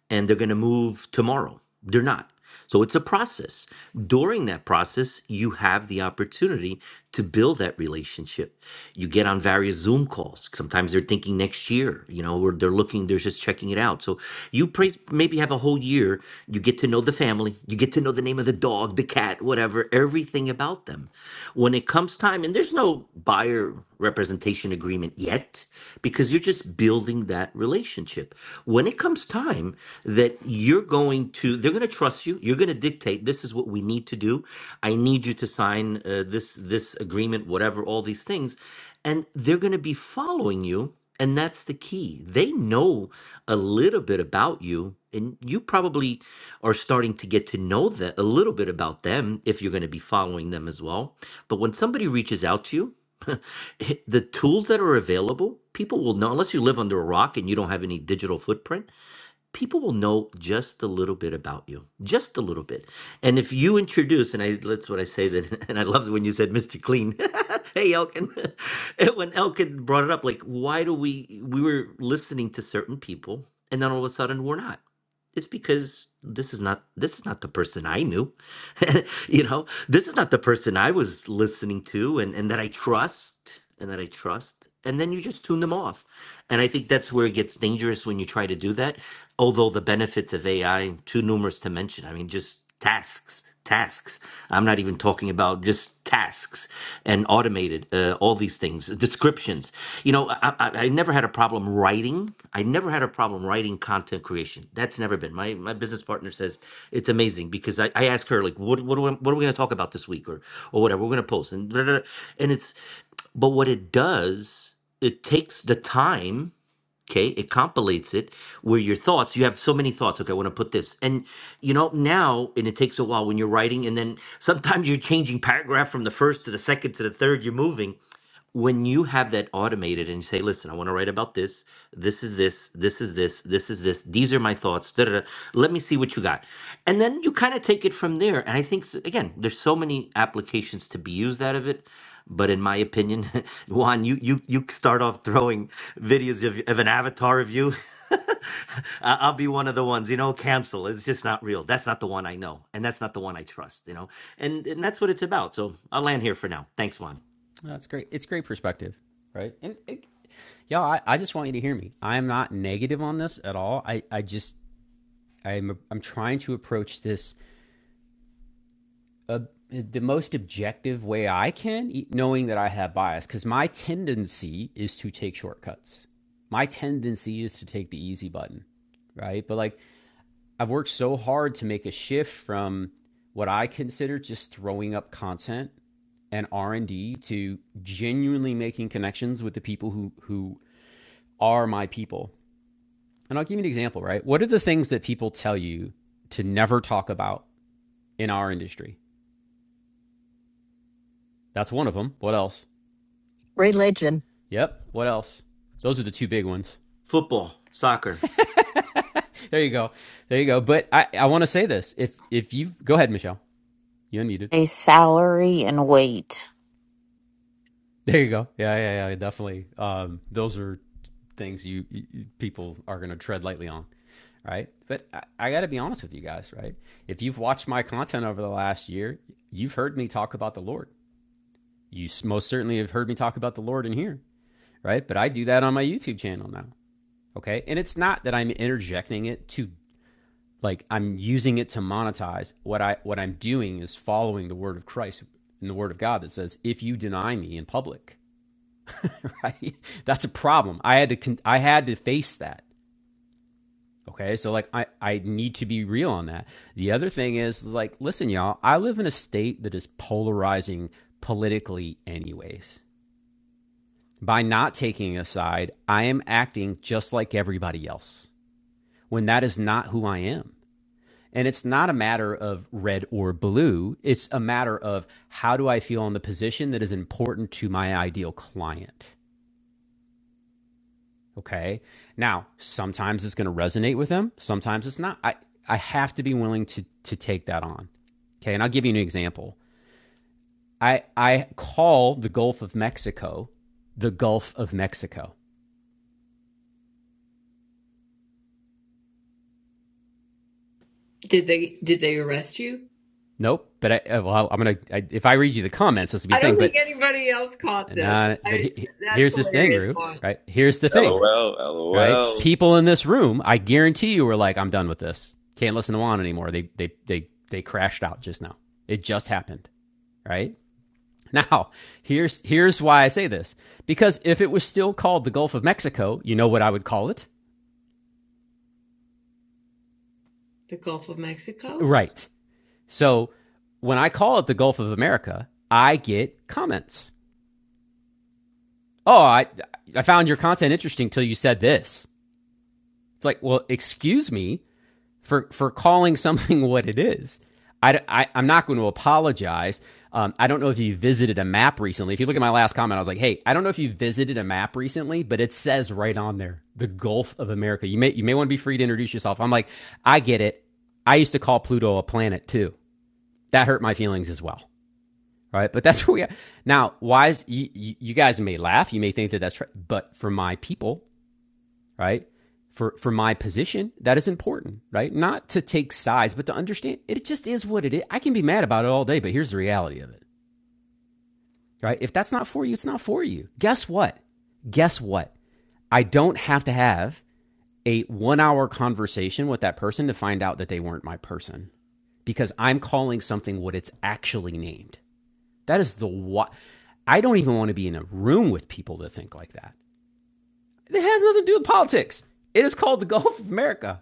G: and they're going to move tomorrow. They're not. So it's a process. During that process, you have the opportunity to build that relationship. You get on various Zoom calls. Sometimes they're thinking next year, you know, or they're looking, they're just checking it out. So you pray, maybe have a whole year. You get to know the family, you get to know the name of the dog, the cat, whatever, everything about them. When it comes time, and there's no buyer representation agreement yet, because you're just just building that relationship. When it comes time that you're going to, they're going to trust you. You're going to dictate. This is what we need to do. I need you to sign uh, this this agreement, whatever, all these things, and they're going to be following you. And that's the key. They know a little bit about you, and you probably are starting to get to know that a little bit about them if you're going to be following them as well. But when somebody reaches out to you, <laughs> hi- the tools that are available, people will know, unless you live under a rock and you don't have any digital footprint, people will know just a little bit about you, just a little bit. And if you introduce, and I, that's what I say that, <laughs> and I love when you said Mr. Clean. <laughs> hey, Elkin. <laughs> And when Elkin brought it up, like, why do we, we were listening to certain people and then all of a sudden we're not. It's because this is not this is not the person I knew, <laughs> you know this is not the person I was listening to and, and that I trust and that I trust. And then you just tune them off. And I think that's where it gets dangerous when you try to do that. Although the benefits of AI, too numerous to mention. I mean, just tasks, tasks. I'm not even talking about just tasks tasks and automated uh, all these things, descriptions. You know, I, I, I never had a problem writing. I never had a problem writing content creation. That's never been. My my business partner says it's amazing because I, I ask her like, what what, do I, what are we going to talk about this week or or whatever we're going to post and da- da- da. and it's, but what it does, it takes the time Okay, it compilates it where your thoughts, you have so many thoughts. Okay, I want to put this. And you know, now, and it takes a while when you're writing, and then sometimes you're changing paragraph from the first to the second to the third, you're moving when you have that automated and you say, listen, I want to write about this, this is this, this is this, this is this, these are my thoughts, da, da, da. let me see what you got. And then you kind of take it from there. And I think, s- again, there's so many applications to be used out of it. But in my opinion, <laughs> Juan, you, you, you start off throwing videos of, of an avatar of you. <laughs> I- I'll be one of the ones, you know, cancel. It's just not real. That's not the one I know. And that's not the one I trust, you know? And, and that's what it's about. So I'll land here for now. Thanks, Juan.
A: That's great. It's great perspective, right? And it, y'all, I, I just want you to hear me. I am not negative on this at all. I, I just I'm I'm trying to approach this uh, the most objective way I can, e- knowing that I have bias, because my tendency is to take shortcuts. My tendency is to take the easy button, right? But like, I've worked so hard to make a shift from what I consider just throwing up content and R and D to genuinely making connections with the people who who are my people. And I'll give you an example, right? What are the things that people tell you to never talk about in our industry? That's one of them. What else?
K: religion.
A: Yep. What else? Those are the two big ones. <laughs>
G: Football, soccer
A: There you go. There you go. But I, I want to say this. If if you go ahead, Michelle, you unmuted.
I: a salary and weight.
A: <laughs> There you go. Yeah, yeah, yeah. Definitely. Um, those are things you, you people are going to tread lightly on, right? But I, I got to be honest with you guys, right? If you've watched my content over the last year, you've heard me talk about the Lord. You most certainly have heard me talk about the Lord in here, right? But I do that on my YouTube channel now. Okay. And it's not that I'm interjecting it to like I'm using it to monetize. What I what I'm doing is following the word of Christ and the word of God that says, "If you deny me in public, <laughs> right, that's a problem." I had to con- I had to face that. Okay, so like I I need to be real on that. The other thing is like, listen, y'all, I live in a state that is polarizing politically, anyways. By not taking a side, I am acting just like everybody else when that is not who I am. And it's not a matter of red or blue. It's a matter of how do I feel in the position that is important to my ideal client. Okay. Now, sometimes it's going to resonate with them, sometimes it's not. I, I have to be willing to, to take that on. Okay. And I'll give you an example. I, I call the Gulf of Mexico the Gulf of Mexico.
Q: Did they did they arrest you?
A: Nope. But I, uh, well, I'm going to, if I read you the comments, this will be
Q: I
A: the
Q: don't
A: thing.
Q: think
A: But,
Q: anybody else caught
A: nah,
Q: this.
A: but
Q: I
A: he, he-
Q: that's
A: here's the thing,
Q: hilarious.
A: Rue,
Q: What?
A: right? Here's the thing
H: LOL,
A: right?
H: LOL.
A: People in this room, I guarantee you, were like, "I'm done with this. Can't listen to Juan anymore." They they they they crashed out just now. It just happened, right? <laughs> Now, here's here's why I say this because if it was still called the Gulf of Mexico, you know what I would call it,
Q: The Gulf of Mexico?
A: right? So when I call it the Gulf of America, I get comments. Oh, I I found your content interesting till you said this. It's like, well, excuse me, for for calling something <laughs> what it is. I, I i am not going to apologize. Um, I don't know if you visited a map recently. If you look at my last comment, I was like, "Hey, I don't know if you visited a map recently, but it says right on there the Gulf of America. You may you may want to be free to introduce yourself." I'm like, "I get it. I used to call Pluto a planet too. That hurt my feelings as well, right? But that's <laughs> where we are now. Why is you, you guys may laugh, you may think that that's right, but for my people, right? For for my position, that is important, right? Not to take sides, but to understand it just is what it is. I can be mad about it all day, but here's the reality of it, right? If that's not for you, it's not for you. Guess what? Guess what? I don't have to have a 1-hour conversation with that person to find out that they weren't my person because I'm calling something what it's actually named. That is the what I don't even want to be in a room with people that think like that. It has nothing to do with politics. It is called the Gulf of America.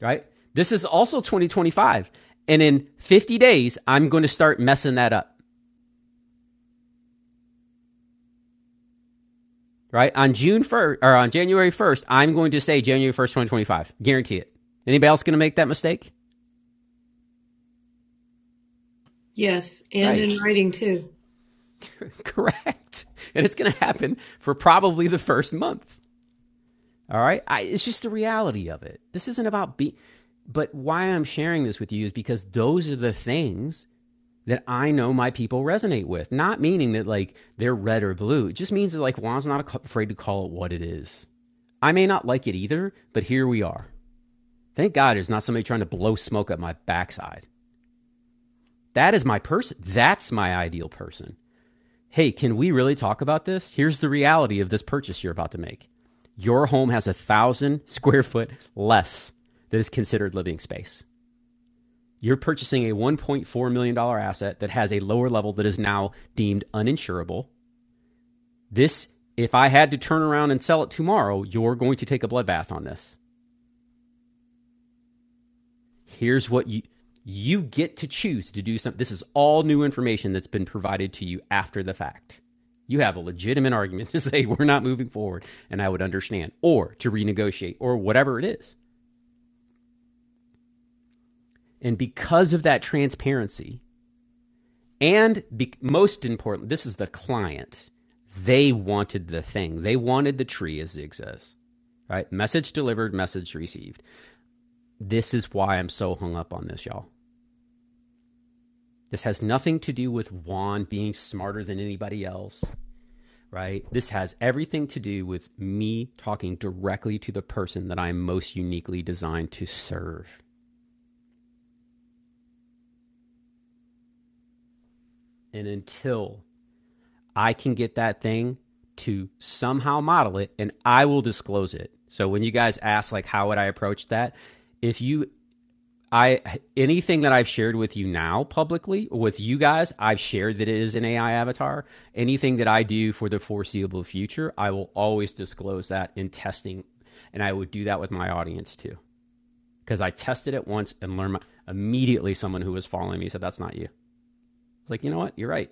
A: right? This is also 2025. And in 50 days, I'm going to start messing that up, right? On June 1st or on January 1st, I'm going to say January 1st, 2025. Guarantee it. Anybody else going to make that mistake?
Q: Yes, and
A: Right.
Q: in writing too.
A: <laughs> Correct. And it's going to happen for probably the first month. All right. I, it's just the reality of it. This isn't about be, but why I'm sharing this with you is because those are the things that I know my people resonate with. Not meaning that like they're red or blue. It just means that like Juan's not afraid to call it what it is. I may not like it either, but here we are. Thank God there's not somebody trying to blow smoke up my backside. That is my person. That's my ideal person. Hey, can we really talk about this? Here's the reality of this purchase you're about to make. Your home has a thousand square foot less that is considered living space. You're purchasing a $1.4 million dollars asset that has a lower level that is now deemed uninsurable This, if I had to turn around and sell it tomorrow, you're going to take a bloodbath on this. Here's what you you get to choose to do something. This is all new information that's been provided to you after the fact. You have a legitimate argument <laughs> to say we're not moving forward, and I would understand, or to renegotiate, or whatever it is. And because of that transparency, and be, most important, this is the client. They wanted the thing. They wanted the tree, as Zig says right? Message delivered, message received. This is why I'm so hung up on this, y'all. This has nothing to do with Juan being smarter than anybody else, right? This has everything to do with me talking directly to the person that I'm most uniquely designed to serve. And until I can get that thing to somehow model it, and I will disclose it. So when you guys ask, like, how would I approach that? If you I anything that I've shared with you now publicly with you guys, I've shared that it is an AI avatar. Anything that I do for the foreseeable future, I will always disclose that in testing, and I would do that with my audience too because I tested it once and learned my, immediately. Someone who was following me said, "That's not you." I was like, you know what? You're right.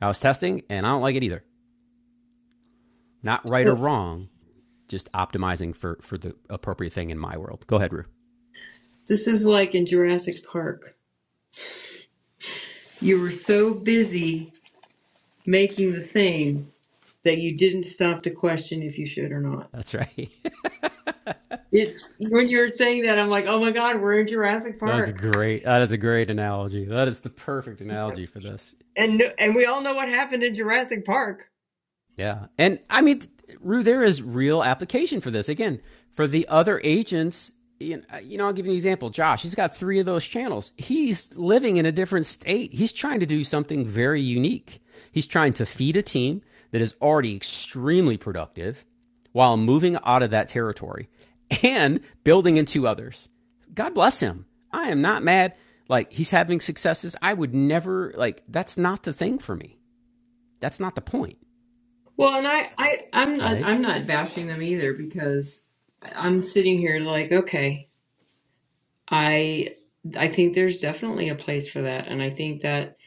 A: I was testing, and I don't like it either. Not right or
Q: Oh,
A: wrong, just optimizing for for the appropriate thing in my world. Go ahead, Rue.
Q: this is like in Jurassic Park. You were so busy making the thing that you didn't stop to question if you should or not.
A: That's right. <laughs>
Q: It's when you're saying that, I'm like, oh my God, we're in Jurassic
A: That's
Q: Park,
A: great. That is a great analogy. That is the perfect analogy for this.
Q: and no- and we all know what happened in Jurassic Park.
A: Yeah. And I mean, Rue, there is real application for this. Again, for the other agents, you know, you know, I'll give you an example. Josh, he's got three of those channels. He's living in a different state. He's trying to do something very unique. He's trying to feed a team that is already extremely productive while moving out of that territory and building into others. God bless him. I am not mad. Like, he's having successes. I would never, like, that's not the thing for me. That's not the point,
Q: Well, and I, I I'm not
A: right?
Q: I'm not bashing them either because I'm sitting here like, okay, I I think there's definitely a place for that, and I think that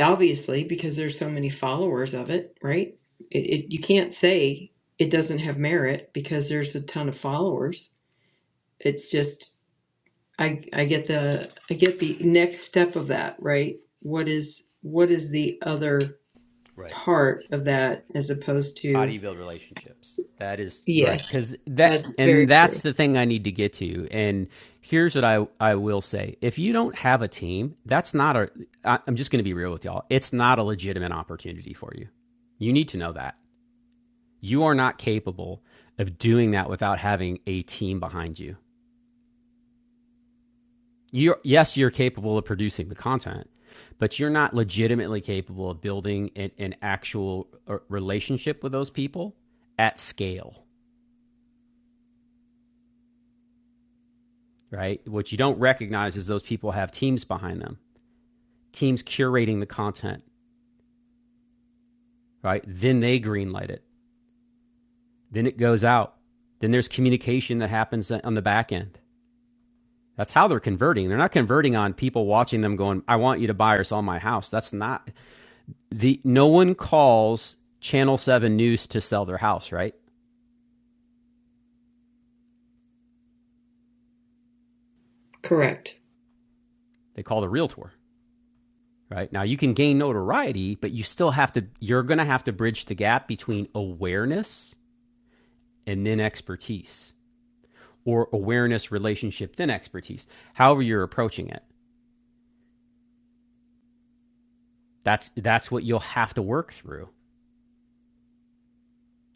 Q: obviously because there's so many followers of it, right? It, it you can't say it doesn't have merit because there's a ton of followers. It's just. I I get the I get the next step of that, right? What is what is the other
A: Right.
Q: part of that as opposed
A: How do
Q: to
A: you build relationships? That is you're right
Q: Yes,
A: because that
Q: that's very
A: and
Q: true.
A: that's the thing I need to get to. And here's what I I will say: if you don't have a team, that's not a. I, I'm just going to be real with y'all. It's not a legitimate opportunity for you. You need to know that you are not capable of doing that without having a team behind you. You yes, you're capable of producing the content, but you're not legitimately capable of building an, an actual uh, relationship with those people at scale right? What you don't recognize is those people have teams behind them, teams curating the content, right? Then they greenlight it. Then it goes out. Then there's communication that happens on the back end. That's how they're converting. They're not converting on people watching them going, "I want you to buy or sell my house." That's not the no one calls Channel 7 News to sell their house, right?
Q: correct.
A: They call the realtor, right? Now you can gain notoriety, but you still have to you're going to have to bridge the gap between awareness and then expertise or awareness relationship then expertise however you're approaching it that's that's what you'll have to work through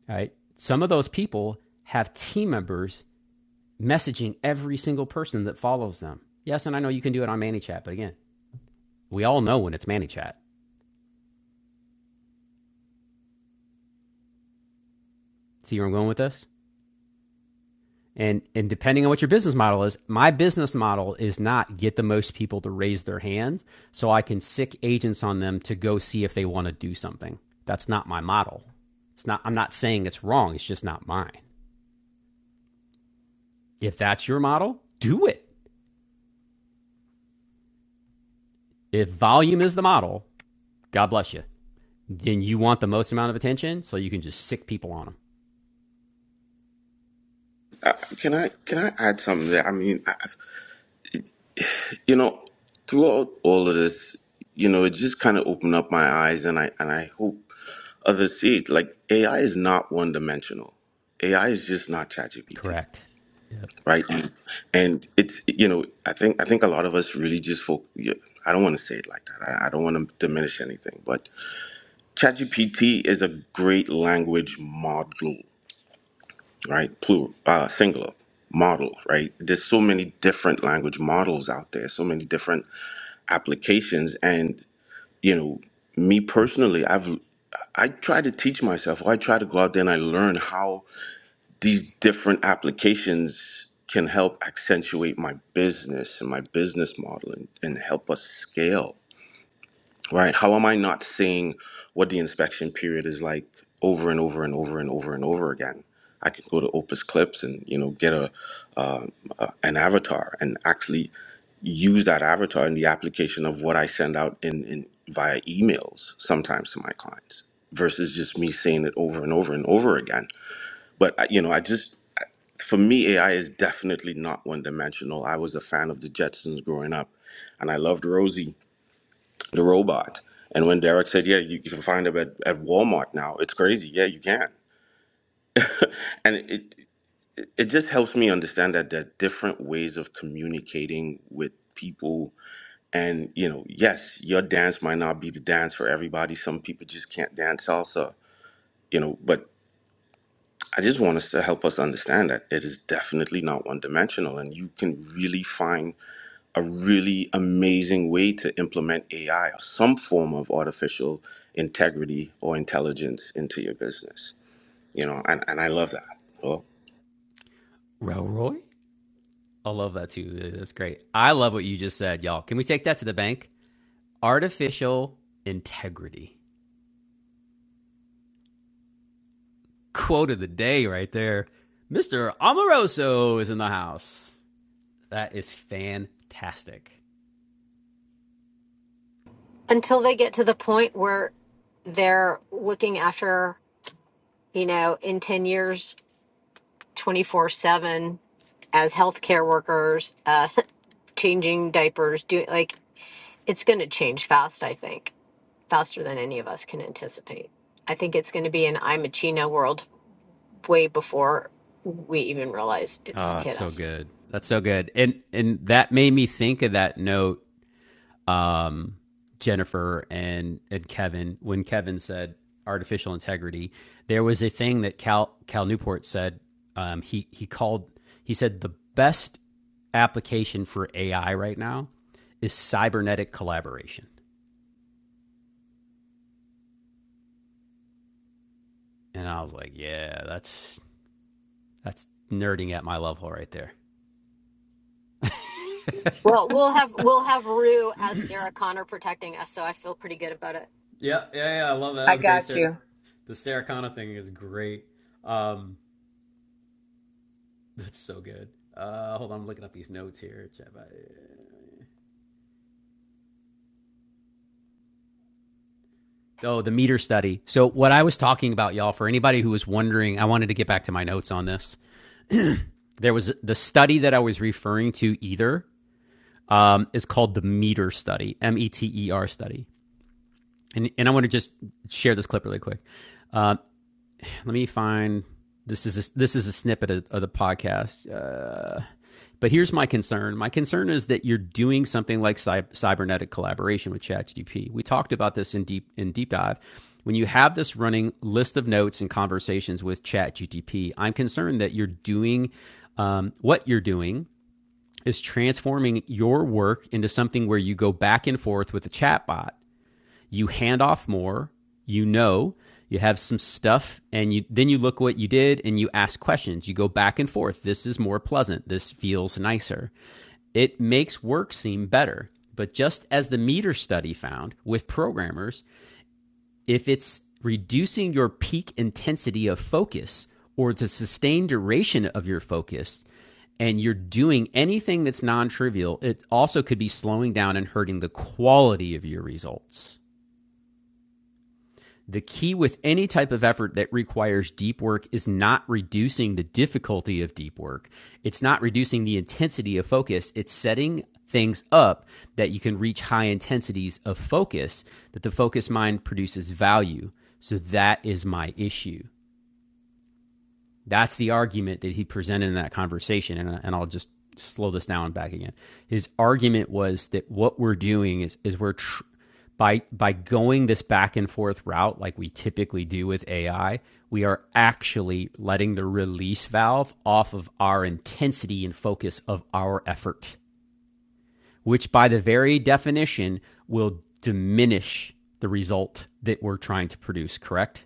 A: right some of those people have team members messaging every single person that follows them yes and i know you can do it on manychat but again we all know when it's manychat see where i'm going with this And and depending on what your business model is, my business model is not get the most people to raise their hand so I can sic agents on them to go see if they want to do something. That's not my model. It's not I'm not saying it's wrong, it's just not mine. If that's your model, do it. If volume is the model, God bless you. Then you want the most amount of attention so you can just sic people on them.
H: Uh, can I can I add something there? I mean, you know, throughout all of this, you know, it just kind of opened up my eyes, and I and I hope others see it. Like AI is not one dimensional. AI is just not ChatGPT,
A: Correct. Yep.
H: right? And, and it's you know, I think I think a lot of us really just fo- yeah, I don't want to say it like that. I, I don't want to diminish anything, but ChatGPT is a great language model, right? Plural, uh, singular model, right? There's so many different language models out there, so many different applications, and you know, me personally, I've I try to teach myself, or I try to go out there and I learn how these different applications can help accentuate my business and my business model and, and help us scale right? How am I not seeing what the inspection period is like over and over and over and over and over again? I can go to Opus Clips and you know get a uh, uh, an avatar and actually use that avatar in the application of what I send out in, in via emails sometimes to my clients versus just me saying it over and over and over again. But I- you know, I just for me AI is definitely not one dimensional. I was a fan of the Jetsons growing up, and I loved Rosie the robot. And when Derek said, "Yeah, you, you can find them at, at Walmart now," it's crazy. Yeah, you can, <laughs> and it, it it just helps me understand that there are different ways of communicating with people. And you know, yes, your dance might not be the dance for everybody. Some people just can't dance salsa. You know, but I just want us to help us understand that it is definitely not one dimensional, and you can really find a really amazing way to implement AI or some form of artificial integrity or intelligence into your business. You know, and, and I love that. Well,
A: Roy? I love that too. That's great. I love what you just said, y'all. Can we take that to the bank? Artificial integrity. Quote of the day right there. Mr. Amoroso is in the house. That is fantastic.
S: until they get to the point where they're looking after, you know, in 10 years, 24 7 as healthcare workers, uh, <laughs> changing diapers, doing like it's going to change fast, I think, faster than any of us can anticipate. I think it's going to be an I'm a Chino world way before we even realize it's
A: Oh, that's
S: hit
A: so
S: us.
A: good. That's so good. And and that made me think of that note, um, Jennifer and and Kevin, when Kevin said artificial integrity, there was a thing that Cal Cal Newport said. Um, he he called he said the best application for AI right now is cybernetic collaboration. And I was like, yeah, that's that's nerding at my level right there. <laughs> yeah,
S: Well, we'll have we'll have Rue as Sarah Connor protecting us, so I feel pretty good about it.
A: yeah, yeah. I love that. That
Q: I
A: was a great,
Q: got
A: sir.
Q: you.
A: The Saracana thing is great. Um, that's so good. Uh, hold on, I'm looking up these notes here. Oh, the meter study. So what I was talking about, y'all, for anybody who was wondering, I wanted to get back to my notes on this. <clears throat> there was the study that I was referring to. Either um, is called the meter study, M E T E R study, and and I want to just share this clip really quick. Um, Let me find this is a, this is a snippet of, of the podcast. Uh, but here's my concern. My concern is that you're doing something like cy- cybernetic collaboration with ChatGPT. We talked about this in deep in deep dive. When you have this running list of notes and conversations with ChatGPT, I'm concerned that you're doing um, what you're doing is transforming your work into something where you go back and forth with the chatbot you hand off more, you know, you have some stuff and you then you look what you did and you ask questions. You go back and forth. This is more pleasant. This feels nicer. It makes work seem better. But just as the meter study found with programmers, if it's reducing your peak intensity of focus or the sustained duration of your focus, and you're doing anything that's non trivial, it also could be slowing down and hurting the quality of your results. The key with any type of effort that requires deep work is not reducing the difficulty of deep work. It's not reducing the intensity of focus. It's setting things up that you can reach high intensities of focus, that the focused mind produces value. So that is my issue. That's the argument that he presented in that conversation. And, and I'll just slow this down and back again. His argument was that what we're doing is, is we're tr- by, by going this back and forth route, like we typically do with AI, we are actually letting the release valve off of our intensity and focus of our effort, which by the very definition will diminish the result that we're trying to produce, correct?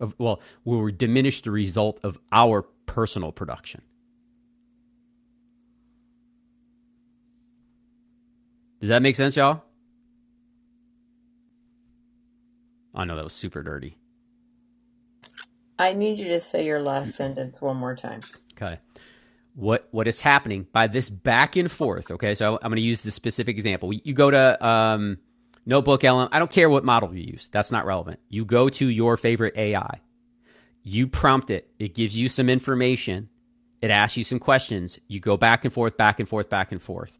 A: of well will diminish the result of our personal production does that make sense y'all i know that was super dirty
Q: I need you to say your last sentence one more time.
A: okay what what is happening by this back and forth okay so i'm going to use this specific example you go to um, notebook lm i don't care what model you use that's not relevant you go to your favorite ai You prompt it, it gives you some information, it asks you some questions. You go back and forth, back and forth, back and forth.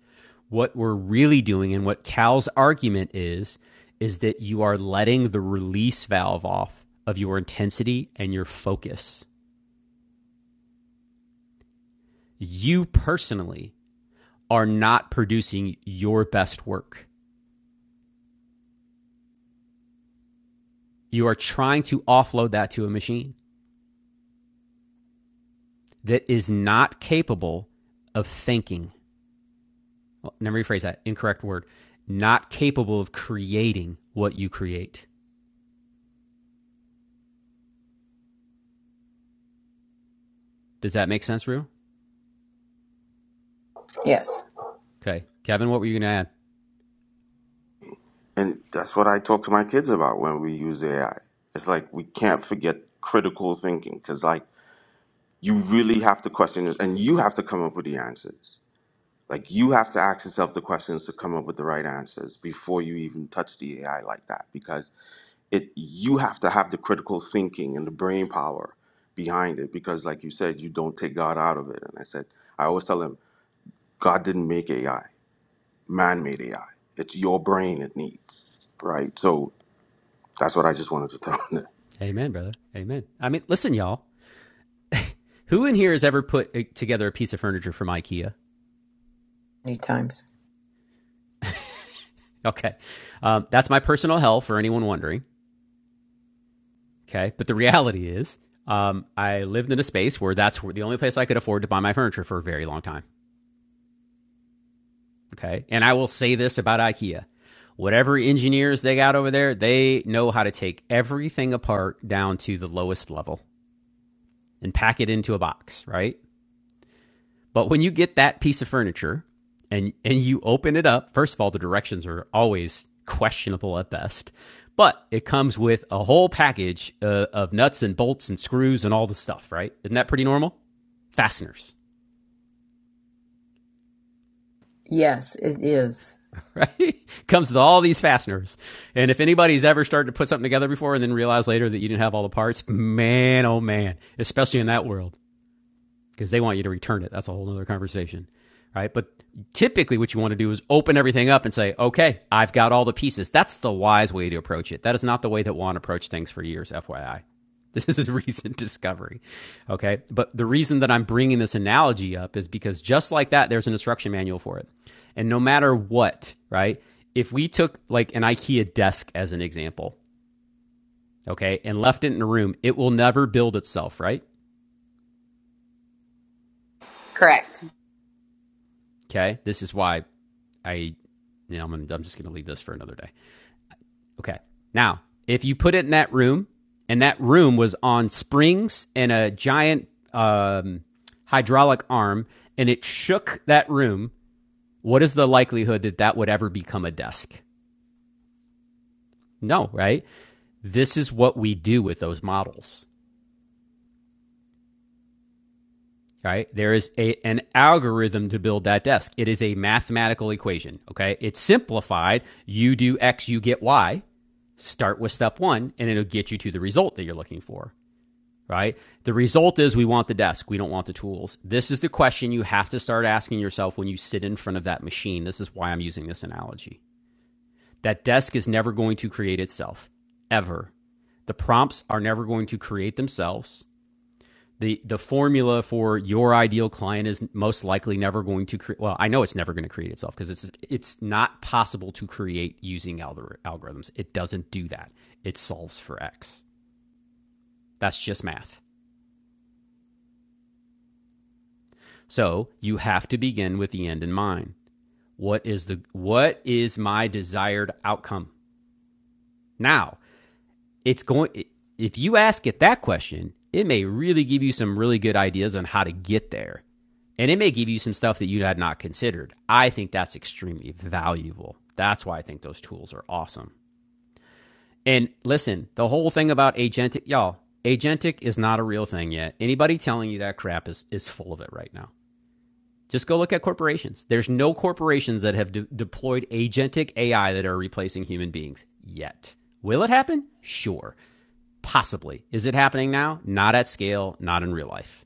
A: What we're really doing and what Cal's argument is, is that you are letting the release valve off of your intensity and your focus. You personally are not producing your best work. You are trying to offload that to a machine that is not capable of thinking well, let me rephrase that incorrect word, not capable of creating what you create. Does that make sense, Rue?
Q: Yes.
A: Okay. Kevin, what were you going to add?
H: and that's what I talk to my kids about when we use AI. It's like we can't forget critical thinking because, like, you really have to question this, and you have to come up with the answers. Like you have to ask yourself the questions to come up with the right answers before you even touch the AI like that because it you have to have the critical thinking and the brain power behind it because like you said you don't take God out of it and I said I always tell him God didn't make AI man made AI it's your brain it needs right so that's what I just wanted to <laughs> throw in there.
A: Amen, brother. Amen. I mean, listen, y'all. Who in here has ever put uh, together a piece of furniture from IKEA?
Q: Many times.
A: Okay. Um, that's my personal hell for anyone wondering. Okay. But the reality is, um, I lived in a space where that's the only place I could afford to buy my furniture for a very long time. Okay. And I will say this about IKEA whatever engineers they got over there, they know how to take everything apart down to the lowest level and pack it into a box, right? But when you get that piece of furniture and and you open it up, first of all, the directions are always questionable at best. But it comes with a whole package uh, of nuts and bolts and screws and all the stuff, right? Isn't that pretty normal? Fasteners.
Q: Yes, it is.
A: right? <laughs> Comes with all these fasteners. And if anybody's ever started to put something together before and then realized later that you didn't have all the parts, man, oh man, especially in that world because they want you to return it. That's a whole other conversation, right? But typically, what you want to do is open everything up and say, okay, I've got all the pieces. That's the wise way to approach it. That is not the way that Juan approached things for years, FYI. <laughs> This is a recent <laughs> discovery. Okay. But the reason that I'm bringing this analogy up is because just like that, there's an instruction manual for it. And no matter what, right? If we took like an IKEA desk as an example, okay, and left it in a room, it will never build itself, right?
B: Correct.
A: Okay. This is why I, you know, I'm, I'm just going to leave this for another day. Okay. Now, if you put it in that room, and that room was on springs and a giant um, hydraulic arm, and it shook that room, what is the likelihood that that would ever become a desk? No, right? This is what we do with those models, right? There is a, an algorithm to build that desk. It is a mathematical equation, okay? It's simplified. You do X, you get Y Start with step one, and it'll get you to the result that you're looking for, right? The result is we want the desk, we don't want the tools. This is the question you have to start asking yourself when you sit in front of that machine. This is why I'm using this analogy. That desk is never going to create itself, ever. The prompts are never going to create themselves the the formula for your ideal client is most likely never going to create well i know it's never going to create itself because it's it's not possible to create using algorithms it doesn't do that it solves for x that's just math so you have to begin with the end in mind what is the what is my desired outcome now it's going if you ask it that question, it may really give you some really good ideas on how to get there. And it may give you some stuff that you had not considered. I think that's extremely valuable. That's why I think those tools are awesome. And listen, the whole thing about agentic, y'all, agentic is not a real thing yet. Anybody telling you that crap is, is full of it right now. Just go look at corporations. There's no corporations that have de- deployed agentic AI that are replacing human beings yet. Will it happen? Sure. Possibly. Is it happening now? Not at scale, not in real life.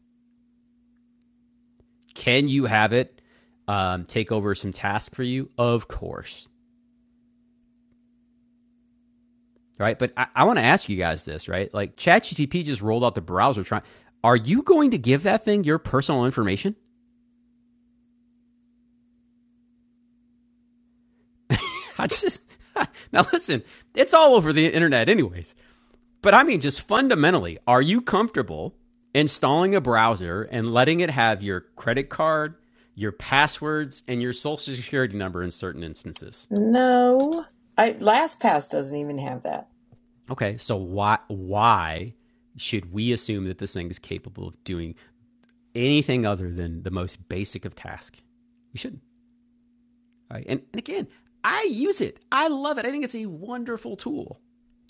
A: Can you have it um, take over some tasks for you? Of course. Right. But I, I want to ask you guys this, right? Like ChatGTP just rolled out the browser trying. Are you going to give that thing your personal information? I just <laughs> now listen, it's all over the internet anyways. But I mean just fundamentally, are you comfortable installing a browser and letting it have your credit card, your passwords, and your social security number in certain instances?
Q: No. I LastPass doesn't even have that.
A: Okay, so why why should we assume that this thing is capable of doing anything other than the most basic of tasks? We shouldn't. All right. And, and again, I use it. I love it. I think it's a wonderful tool.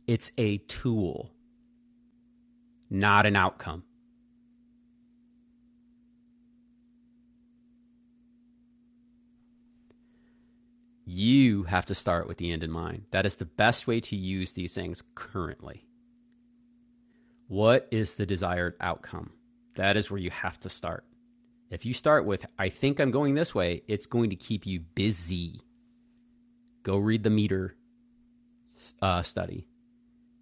A: It's a tool, not an outcome. You have to start with the end in mind. That is the best way to use these things currently. What is the desired outcome? That is where you have to start. If you start with, I think I'm going this way, it's going to keep you busy Go read the meter uh, study.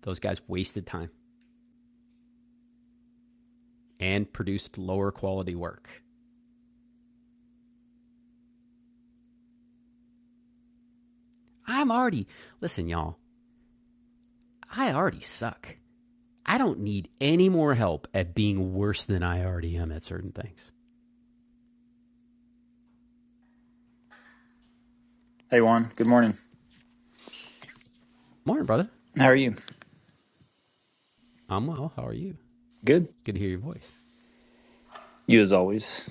A: Those guys wasted time and produced lower quality work. I'm already, listen, y'all, I already suck. I don't need any more help at being worse than I already am at certain things.
T: Hey Juan, good morning.
A: Morning, brother.
T: How are you?
A: I'm well. How are you?
T: Good.
A: Good to hear your voice.
T: You as always.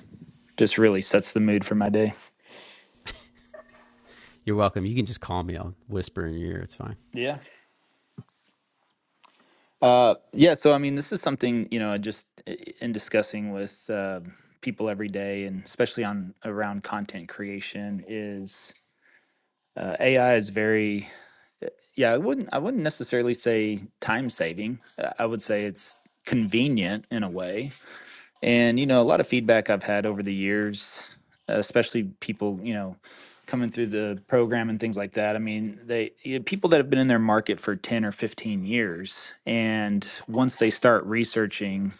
T: Just really sets the mood for my day.
A: You're welcome. You can just call me. I'll whisper in your ear. It's fine.
T: Yeah. Uh, yeah. So I mean, this is something you know, I just i- in discussing with uh, people every day, and especially on around content creation, is uh, AI is very yeah. I wouldn't I wouldn't necessarily say time saving. I would say it's convenient in a way And, you know, a lot of feedback I've had over the years, especially people, you know, coming through the program and things like that. I mean, they you know, people that have been in their market for 10 or 15 years. And once they start researching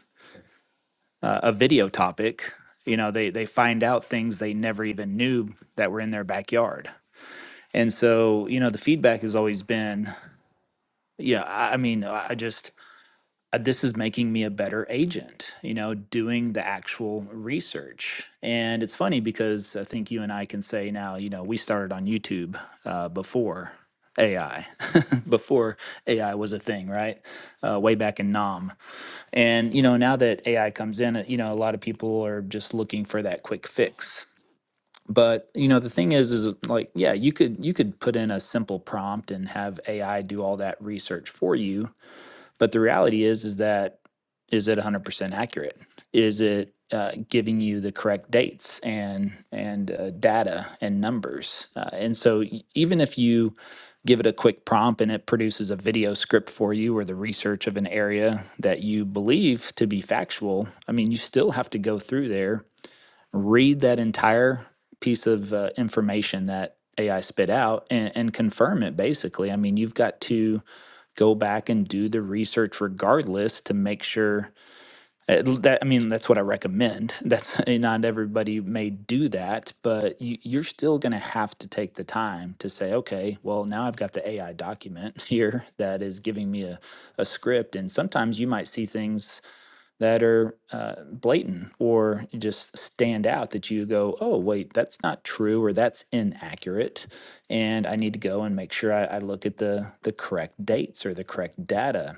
T: uh, a video topic, you know, they, they find out things they never even knew that were in their backyard. And so, you know, the feedback has always been, yeah, I I mean, I I just, uh, this is making me a better agent, you know, doing the actual research. And it's funny because I think you and I can say now, you know, we started on YouTube uh, before AI, <laughs> before AI was a thing, right? Uh, way back in NOM. And, you know, now that AI comes in, uh, you know, a lot of people are just looking for that quick fix. But you know the thing is, is like yeah, you could you could put in a simple prompt and have AI do all that research for you, but the reality is, is that is it 100% accurate? Is it uh, giving you the correct dates and and uh, data and numbers? Uh, and so e, even if you give it a quick prompt and it produces a video script for you or the research of an area that you believe to be factual, I mean, you still have to go through there read that entire piece of uh, information that AI spit out and, and confirm it basically. I mean, you've got to go back and do the research regardless to make sure uh, that I mean that's what I recommend. That's <laughs> not everybody may do that, but you, you're still going to have to take the time to say, okay, well now I've got the AI document <laughs> here that is giving me a, a script, and sometimes you might see things that are uh, blatant or just stand out that you go, oh, wait, that's not true or that's inaccurate. And I need to go and make sure I, I look at the, the correct dates or the correct data.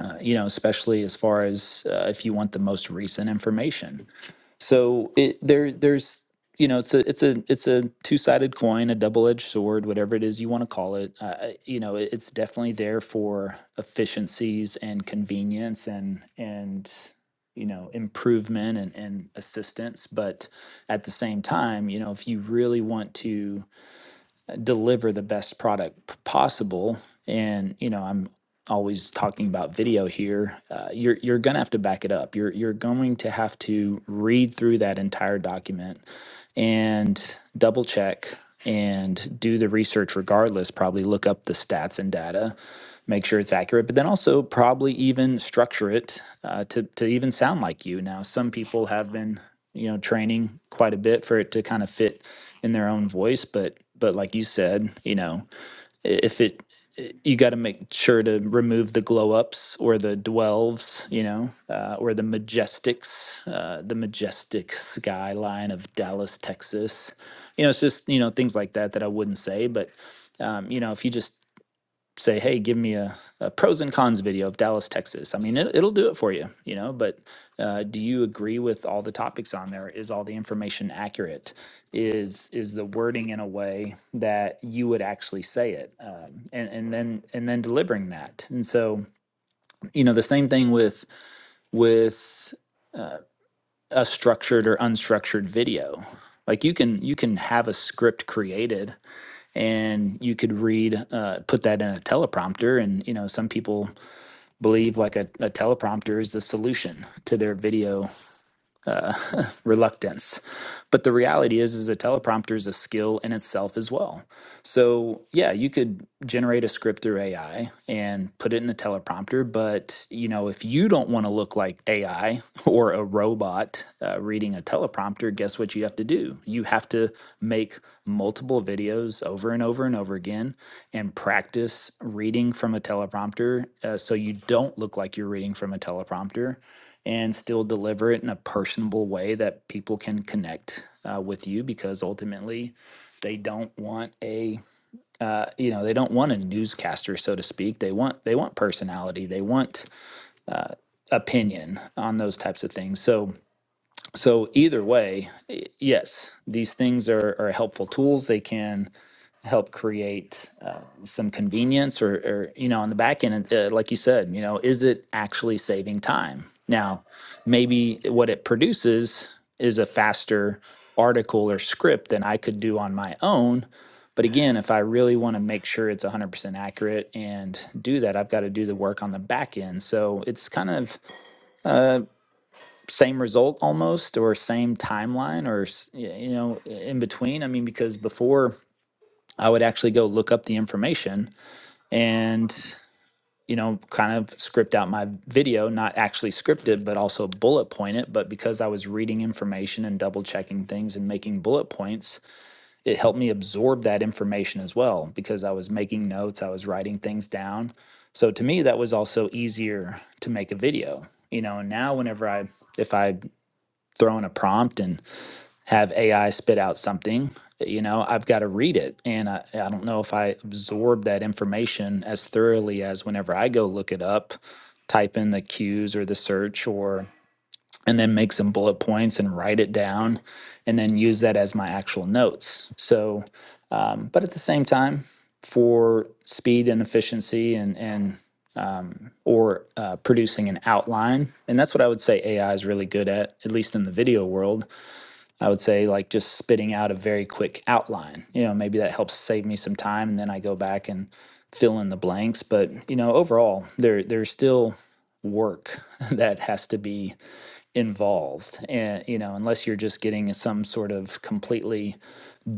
T: Uh, you know, especially as far as uh, if you want the most recent information. So it there there's you know it's a it's a it's a two sided coin, a double edged sword, whatever it is you want to call it. Uh, I- you know, it, it's definitely there for efficiencies and convenience and and you know improvement and, and assistance but at the same time you know if you really want to deliver the best product p- possible and you know i'm always talking about video here uh, you're you're going to have to back it up you're you're going to have to read through that entire document and double check and do the research regardless probably look up the stats and data make sure it's accurate, but then also probably even structure it uh, to to even sound like you. Now, some people have been you know training quite a bit for it to kind of fit in their own voice, but but like you said, you know, if it you got to make sure to remove the glow ups or the dwells, you know, uh, or the majestics, uh, the majestic skyline of Dallas, Texas. You know, it's just you know things like that that I wouldn't say, but um, you know, if you just say, hey, give me a, a pros and cons video of Dallas, Texas. I mean, it, it'll do it for you, you know, but uh, do you agree with all the topics on there? Is all the information accurate? Is is the wording in a way that you would actually say it? Um, and, and then and then delivering that. And so, you know, the same thing with with a structured or unstructured video. Like you can you can have a script created and you could read uh, put that in a teleprompter and you know some people believe like a, a teleprompter is the solution to their video uh, <laughs> reluctance. But the reality is, is a teleprompter is a skill in itself as well. So yeah, you could generate a script through AI and put it in a teleprompter. But you know, if you don't want to look like AI <laughs> or a robot uh, reading a teleprompter, guess what you have to do? You have to make multiple videos over and over and over again and practice reading from a teleprompter, uh, so you don't look like you're reading from a teleprompter and still deliver it in a personable way that people can connect uh, with you because ultimately they don't want a uh, you know they don't want a newscaster so to speak they want they want personality they want opinion on those types of things so so either way y- yes these things are, are helpful tools they can help create uh, some convenience or, or you know on the back end uh, like you said you know is it actually saving time now maybe what it produces is a faster article or script than i could do on my own but again if i really want to make sure it's 100% accurate and do that i've got to do the work on the back end so it's kind of same result almost or same timeline or s- y- you know in between i mean because before i would actually go look up the information and you know kind of script out my video not actually scripted but also bullet point it but because i was reading information and double checking things and making bullet points it helped me absorb that information as well because i was making notes i was writing things down so to me that was also easier to make a video you know and now whenever i if i throw in a prompt and have AI spit out something, you know, I've got to read it. And I, I don't know if I absorb that information as thoroughly as whenever I go look it up, type in the cues or the search or and then make some bullet points and write it down and then use that as my actual notes. So um, but at the same time, for speed and efficiency and and um, or uh, producing an outline, and that's what I would say AI is really good at, at least in the video world I would say like just spitting out a very quick outline. You know, maybe that helps save me some time and then I go back and fill in the blanks, but you know, overall there there's still work <laughs> that has to be involved. And you know, unless you're just getting some sort of completely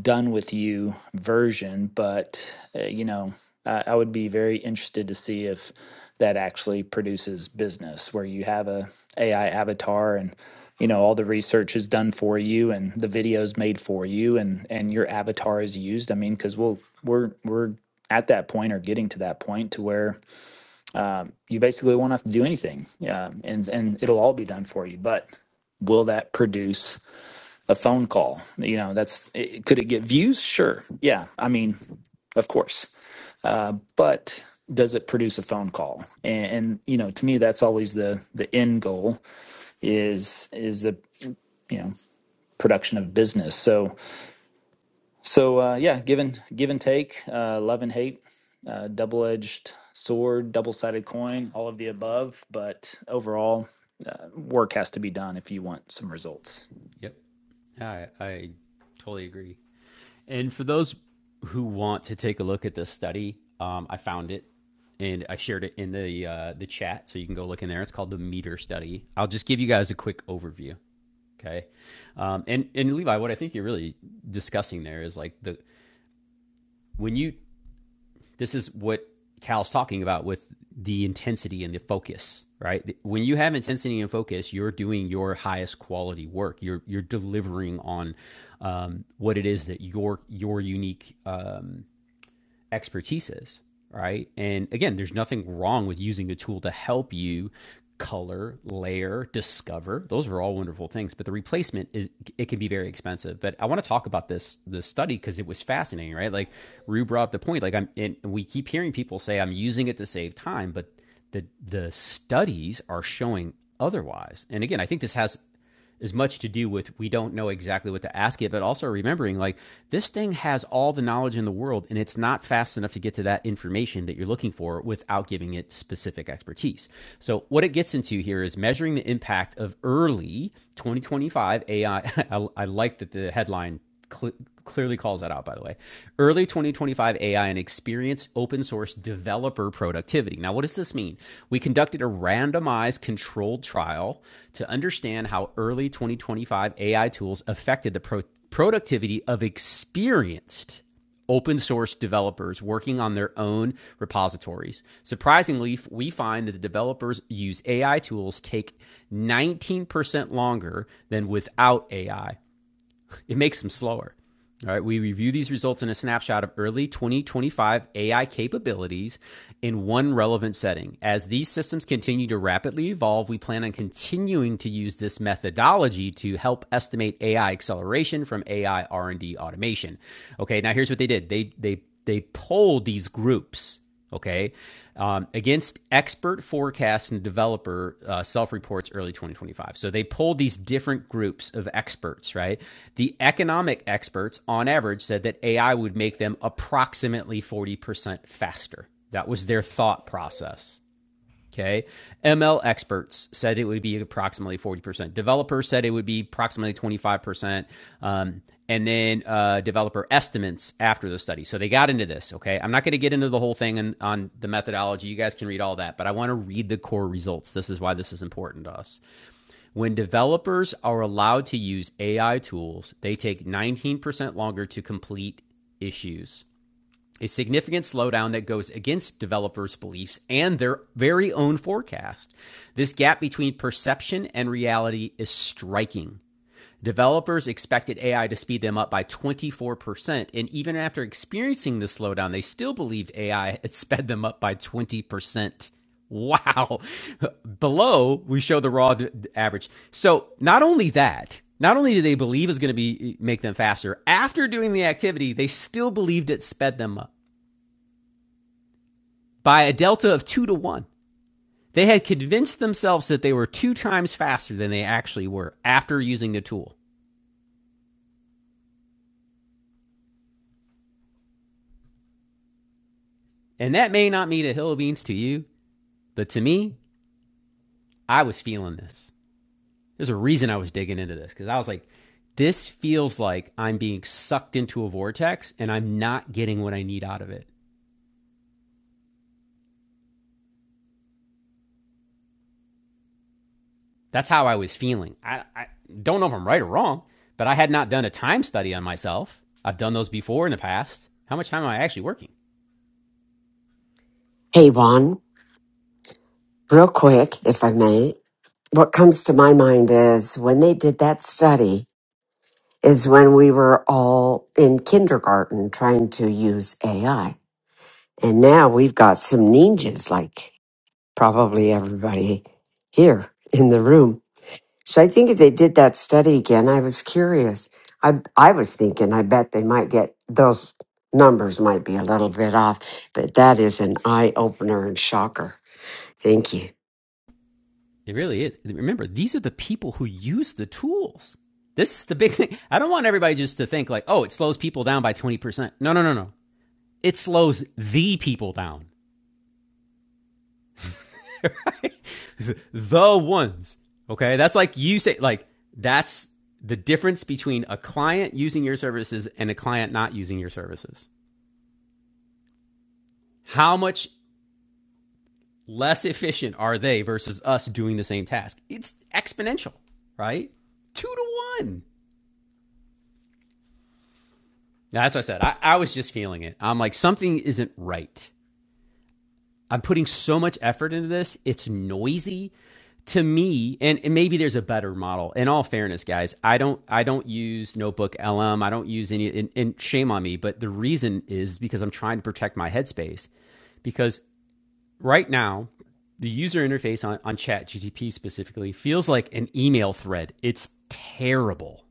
T: done with you version, but uh, you know, I, I would be very interested to see if that actually produces business where you have a AI avatar and you know all the research is done for you and the videos made for you and and your avatar is used. I mean, because we'll we're we're at that point or getting to that point to where you basically won't have to do anything, yeah, and and it'll all be done for you. But will that produce? a phone call. You know, that's it, could it get views? Sure. Yeah. I mean, of course. But does it produce a phone call? And, and you know, to me, that's always the the end goal is is the you know production of business. So so uh, yeah, give and give and take, uh, love and hate, uh, double edged sword, double sided coin, all of the above. But overall, uh, work has to be done if you want some results.
A: Yep. I, I totally agree. And for those who want to take a look at this study, um, I found it and I shared it in the uh, the chat, so you can go look in there. It's called the Meter Study. I'll just give you guys a quick overview, okay? Um, and and Levi, what I think you're really discussing there is like the when you this is what Cal's talking about with the intensity and the focus, right? When you have intensity and focus, you're doing your highest quality work. You're you're delivering on um, what it is that your your unique um, expertise is, right? And again, there's nothing wrong with using a tool to help you color, layer, discover. Those are all wonderful things, but the replacement is it can be very expensive. But I want to talk about this the study because it was fascinating, right? Like Rue brought up the point. Like I'm, and we keep hearing people say I'm using it to save time, but the the studies are showing otherwise. And again, I think this has as much to do with we don't know exactly what to ask it, but also remembering like this thing has all the knowledge in the world and it's not fast enough to get to that information that you're looking for without giving it specific expertise. So, what it gets into here is measuring the impact of early 2025 AI. I <laughs> I, I like that the headline cl- clearly calls that out, by the way. Early 2025 AI and experience open source developer productivity. Now, what does this mean? We conducted a randomized controlled trial to understand how early 2025 AI tools affected the pro- productivity of experienced open source developers working on their own repositories. Surprisingly, we find that the developers use AI tools take 19% longer than without AI it makes them slower. All right, we review these results in a snapshot of early 2025 AI capabilities in one relevant setting. As these systems continue to rapidly evolve, we plan on continuing to use this methodology to help estimate AI acceleration from AI R&D automation. Okay, now here's what they did. They they they polled these groups okay um, against expert forecast and developer uh, self-reports early 2025 so they pulled these different groups of experts right the economic experts on average said that ai would make them approximately 40% faster that was their thought process Okay. ML experts said it would be approximately 40%. Developers said it would be approximately 25%. Um, and then uh, developer estimates after the study. So they got into this. Okay. I'm not going to get into the whole thing on, on the methodology. You guys can read all that, but I want to read the core results. This is why this is important to us. When developers are allowed to use AI tools, they take 19% longer to complete issues a significant slowdown that goes against developers' beliefs and their very own forecast. This gap between perception and reality is striking. Developers expected AI to speed them up by 24%, and even after experiencing the slowdown, they still believed AI <laughs> had sped them up by 20%. Wow. Below, we show the raw d- average. So, not only that, not only do they believe it's going to be make them faster, after doing the activity, they still believed it sped them up by a delta of two to one. They had convinced themselves that they were two times faster than they actually were after using the tool. And that may not mean a hill of beans to you, but to me, I was feeling this. There's a reason I was digging into this because I was like, this feels like I'm being sucked into a vortex and I'm not getting what I need out of it. That's how I was feeling. I, I don't know if I'm right or wrong, but I had not done a time study on myself. I've done those before in the past. How much time am I actually working?
U: Hey, Juan, real quick, if I may, what comes to my mind is when they did that study is when we were all in kindergarten trying to use AI. And now we've got some ninjas like probably everybody here in the room. So I think if they did that study again, I was curious. I, I was thinking, I bet they might get those numbers might be a little bit off, but that is an eye opener and shocker. Thank you.
A: It really is. Remember, these are the people who use the tools. This is the big thing. I don't want everybody just to think like, oh, it slows people down by 20%. No, no, no, no. It slows the people down. Right? <laughs> the ones. Okay? That's like you say like that's the difference between a client using your services and a client not using your services. How much less efficient are they versus us doing the same task? It's exponential, right? 2 to 1. That's what I said. I, I was just feeling it. I'm like, something isn't right. I'm putting so much effort into this. It's noisy to me, and, and maybe there's a better model. In all fairness, guys, I don't I don't use Notebook LM. I don't use any. And, and shame on me, but the reason is because I'm trying to protect my headspace. Because right now, the user interface on on ChatGTP specifically feels like an email thread. It's terrible.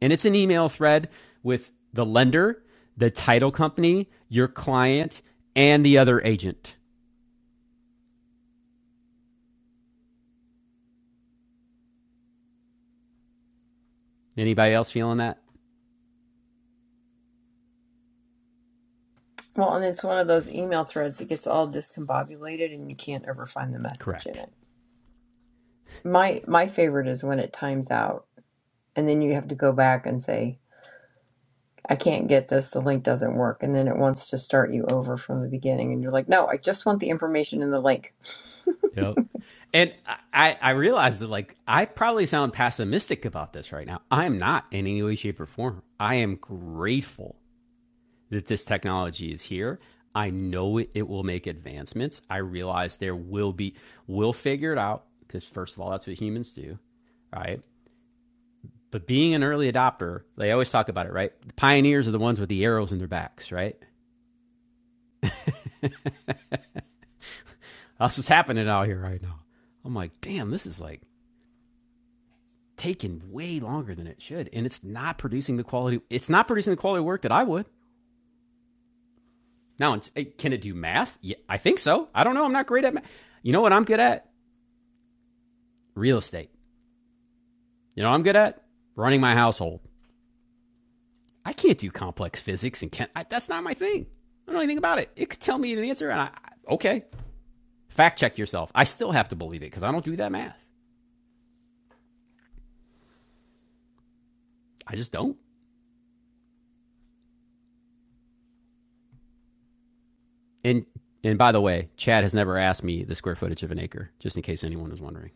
A: And it's an email thread with the lender, the title company, your client, and the other agent. Anybody else feeling that?
Q: Well, and it's one of those email threads that gets all discombobulated and you can't ever find the message in
A: Correct.
Q: it. My my favorite is when it times out. and then you have to go back and say i can't get this the link doesn't work and then it wants to start you over from the beginning and you're like no i just want the information in the link
A: Yep. And I, I I realize that like I probably sound pessimistic about this right now. I'm not in any way, shape, or form. I am grateful that this technology is here. I know it, it will make advancements. I realize there will be we'll figure it out because first of all, that's what humans do right? But being an early adopter, they always talk about it, right? The pioneers are the ones with the arrows in their backs, right? <laughs> That's what's happening out here right now. I'm like, damn, this is like taking way longer than it should. And it's not producing the quality, it's not producing the quality of work that I would. Now, it's, hey, can it do math? Yeah, I think so. I don't know. I'm not great at math. You know what I'm good at? Real estate. You know what I'm good at? Running my household. I can't do complex physics and can't, I, that's not my thing. I don't know anything about it. It could tell me an answer, and I, okay, Fact check yourself. I still have to believe it because I don't do that math. I just don't. And and by the way, Chad has never asked me the square footage of an acre, just in case anyone was wondering.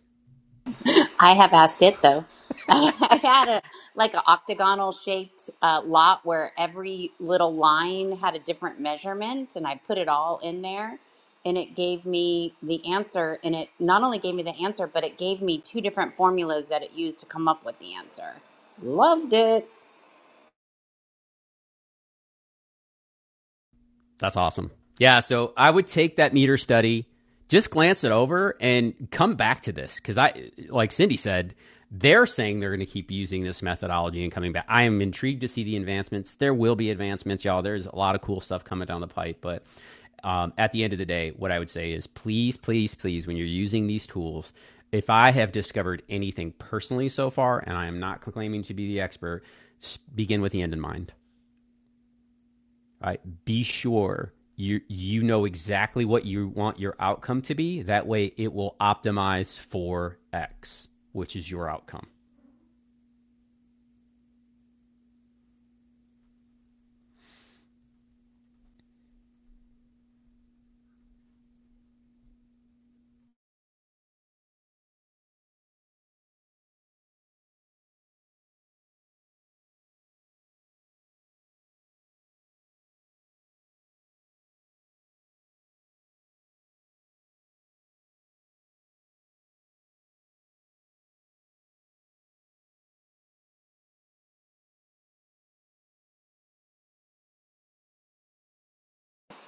B: I have asked it though. <laughs> I had a like an octagonal shaped uh, lot where every little line had a different measurement, and I put it all in there, and it gave me the answer. And it not only gave me the answer, but it gave me two different formulas that it used to come up with the answer. Loved it.
A: That's awesome. Yeah, so I would take that meter study, just glance it over and come back to this cuz I like Cindy said, they're saying they're going to keep using this methodology and coming back. I am intrigued to see the advancements. There will be advancements, y'all. There's a lot of cool stuff coming down the pipe, but um, at the end of the day, what I would say is please, please, please, when you're using these tools, if I have discovered anything personally so far, and I am not claiming to be the expert, begin with the end in mind right? Be sure you you know exactly what you want your outcome to be. That way, it will optimize for X, which is your outcome.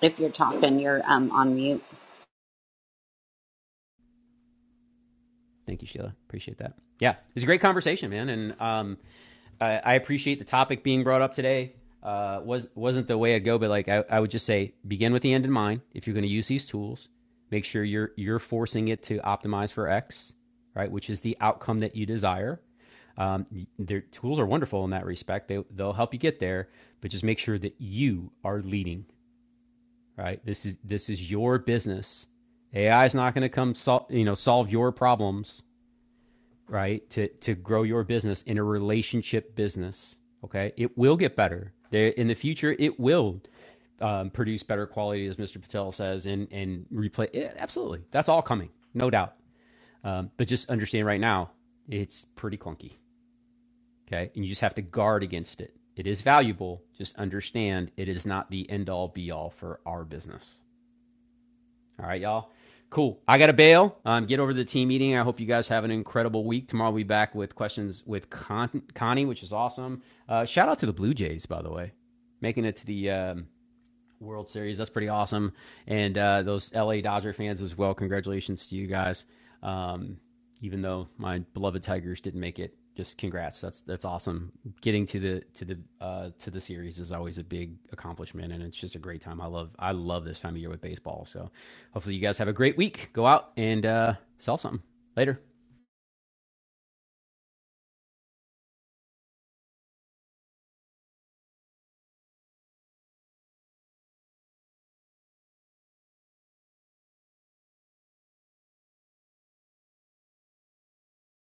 B: If you're talking, you're um, on mute.
A: Thank you, Sheila. Appreciate that. Yeah, it was a great conversation, man, and um, I, I appreciate the topic being brought up today. Uh, was wasn't the way I go, but like I, I would just say, begin with the end in mind. If you're going to use these tools, make sure you're you're forcing it to optimize for X, right, which is the outcome that you desire. Um, their tools are wonderful in that respect. They they'll help you get there, but just make sure that you are leading. Right, this is this is your business. AI is not going to come sol- you know solve your problems right? To to grow your business in a relationship business, okay? It will get better. There in the future, it will um, produce better quality, as Mr. Patel says, and and replay. Yeah, absolutely, that's all coming, no doubt. Um, but just understand right now, it's pretty clunky, okay? And you just have to guard against it. It is valuable. Just understand it is not the end all be all for our business. All right, y'all. Cool. I got to bail. Um, get over to the team meeting. I hope you guys have an incredible week. Tomorrow we'll be back with questions with Con- Connie, which is awesome. Uh, shout out to the Blue Jays, by the way, making it to the um, World Series. That's pretty awesome. And uh, those LA Dodger fans as well. Congratulations to you guys. Um, even though my beloved Tigers didn't make it, just congrats. That's that's awesome. Getting to the to the uh, to the series is always a big accomplishment, and it's just a great time. I love I love this time of year with baseball. So hopefully you guys have a great week. Go out and uh, sell something later.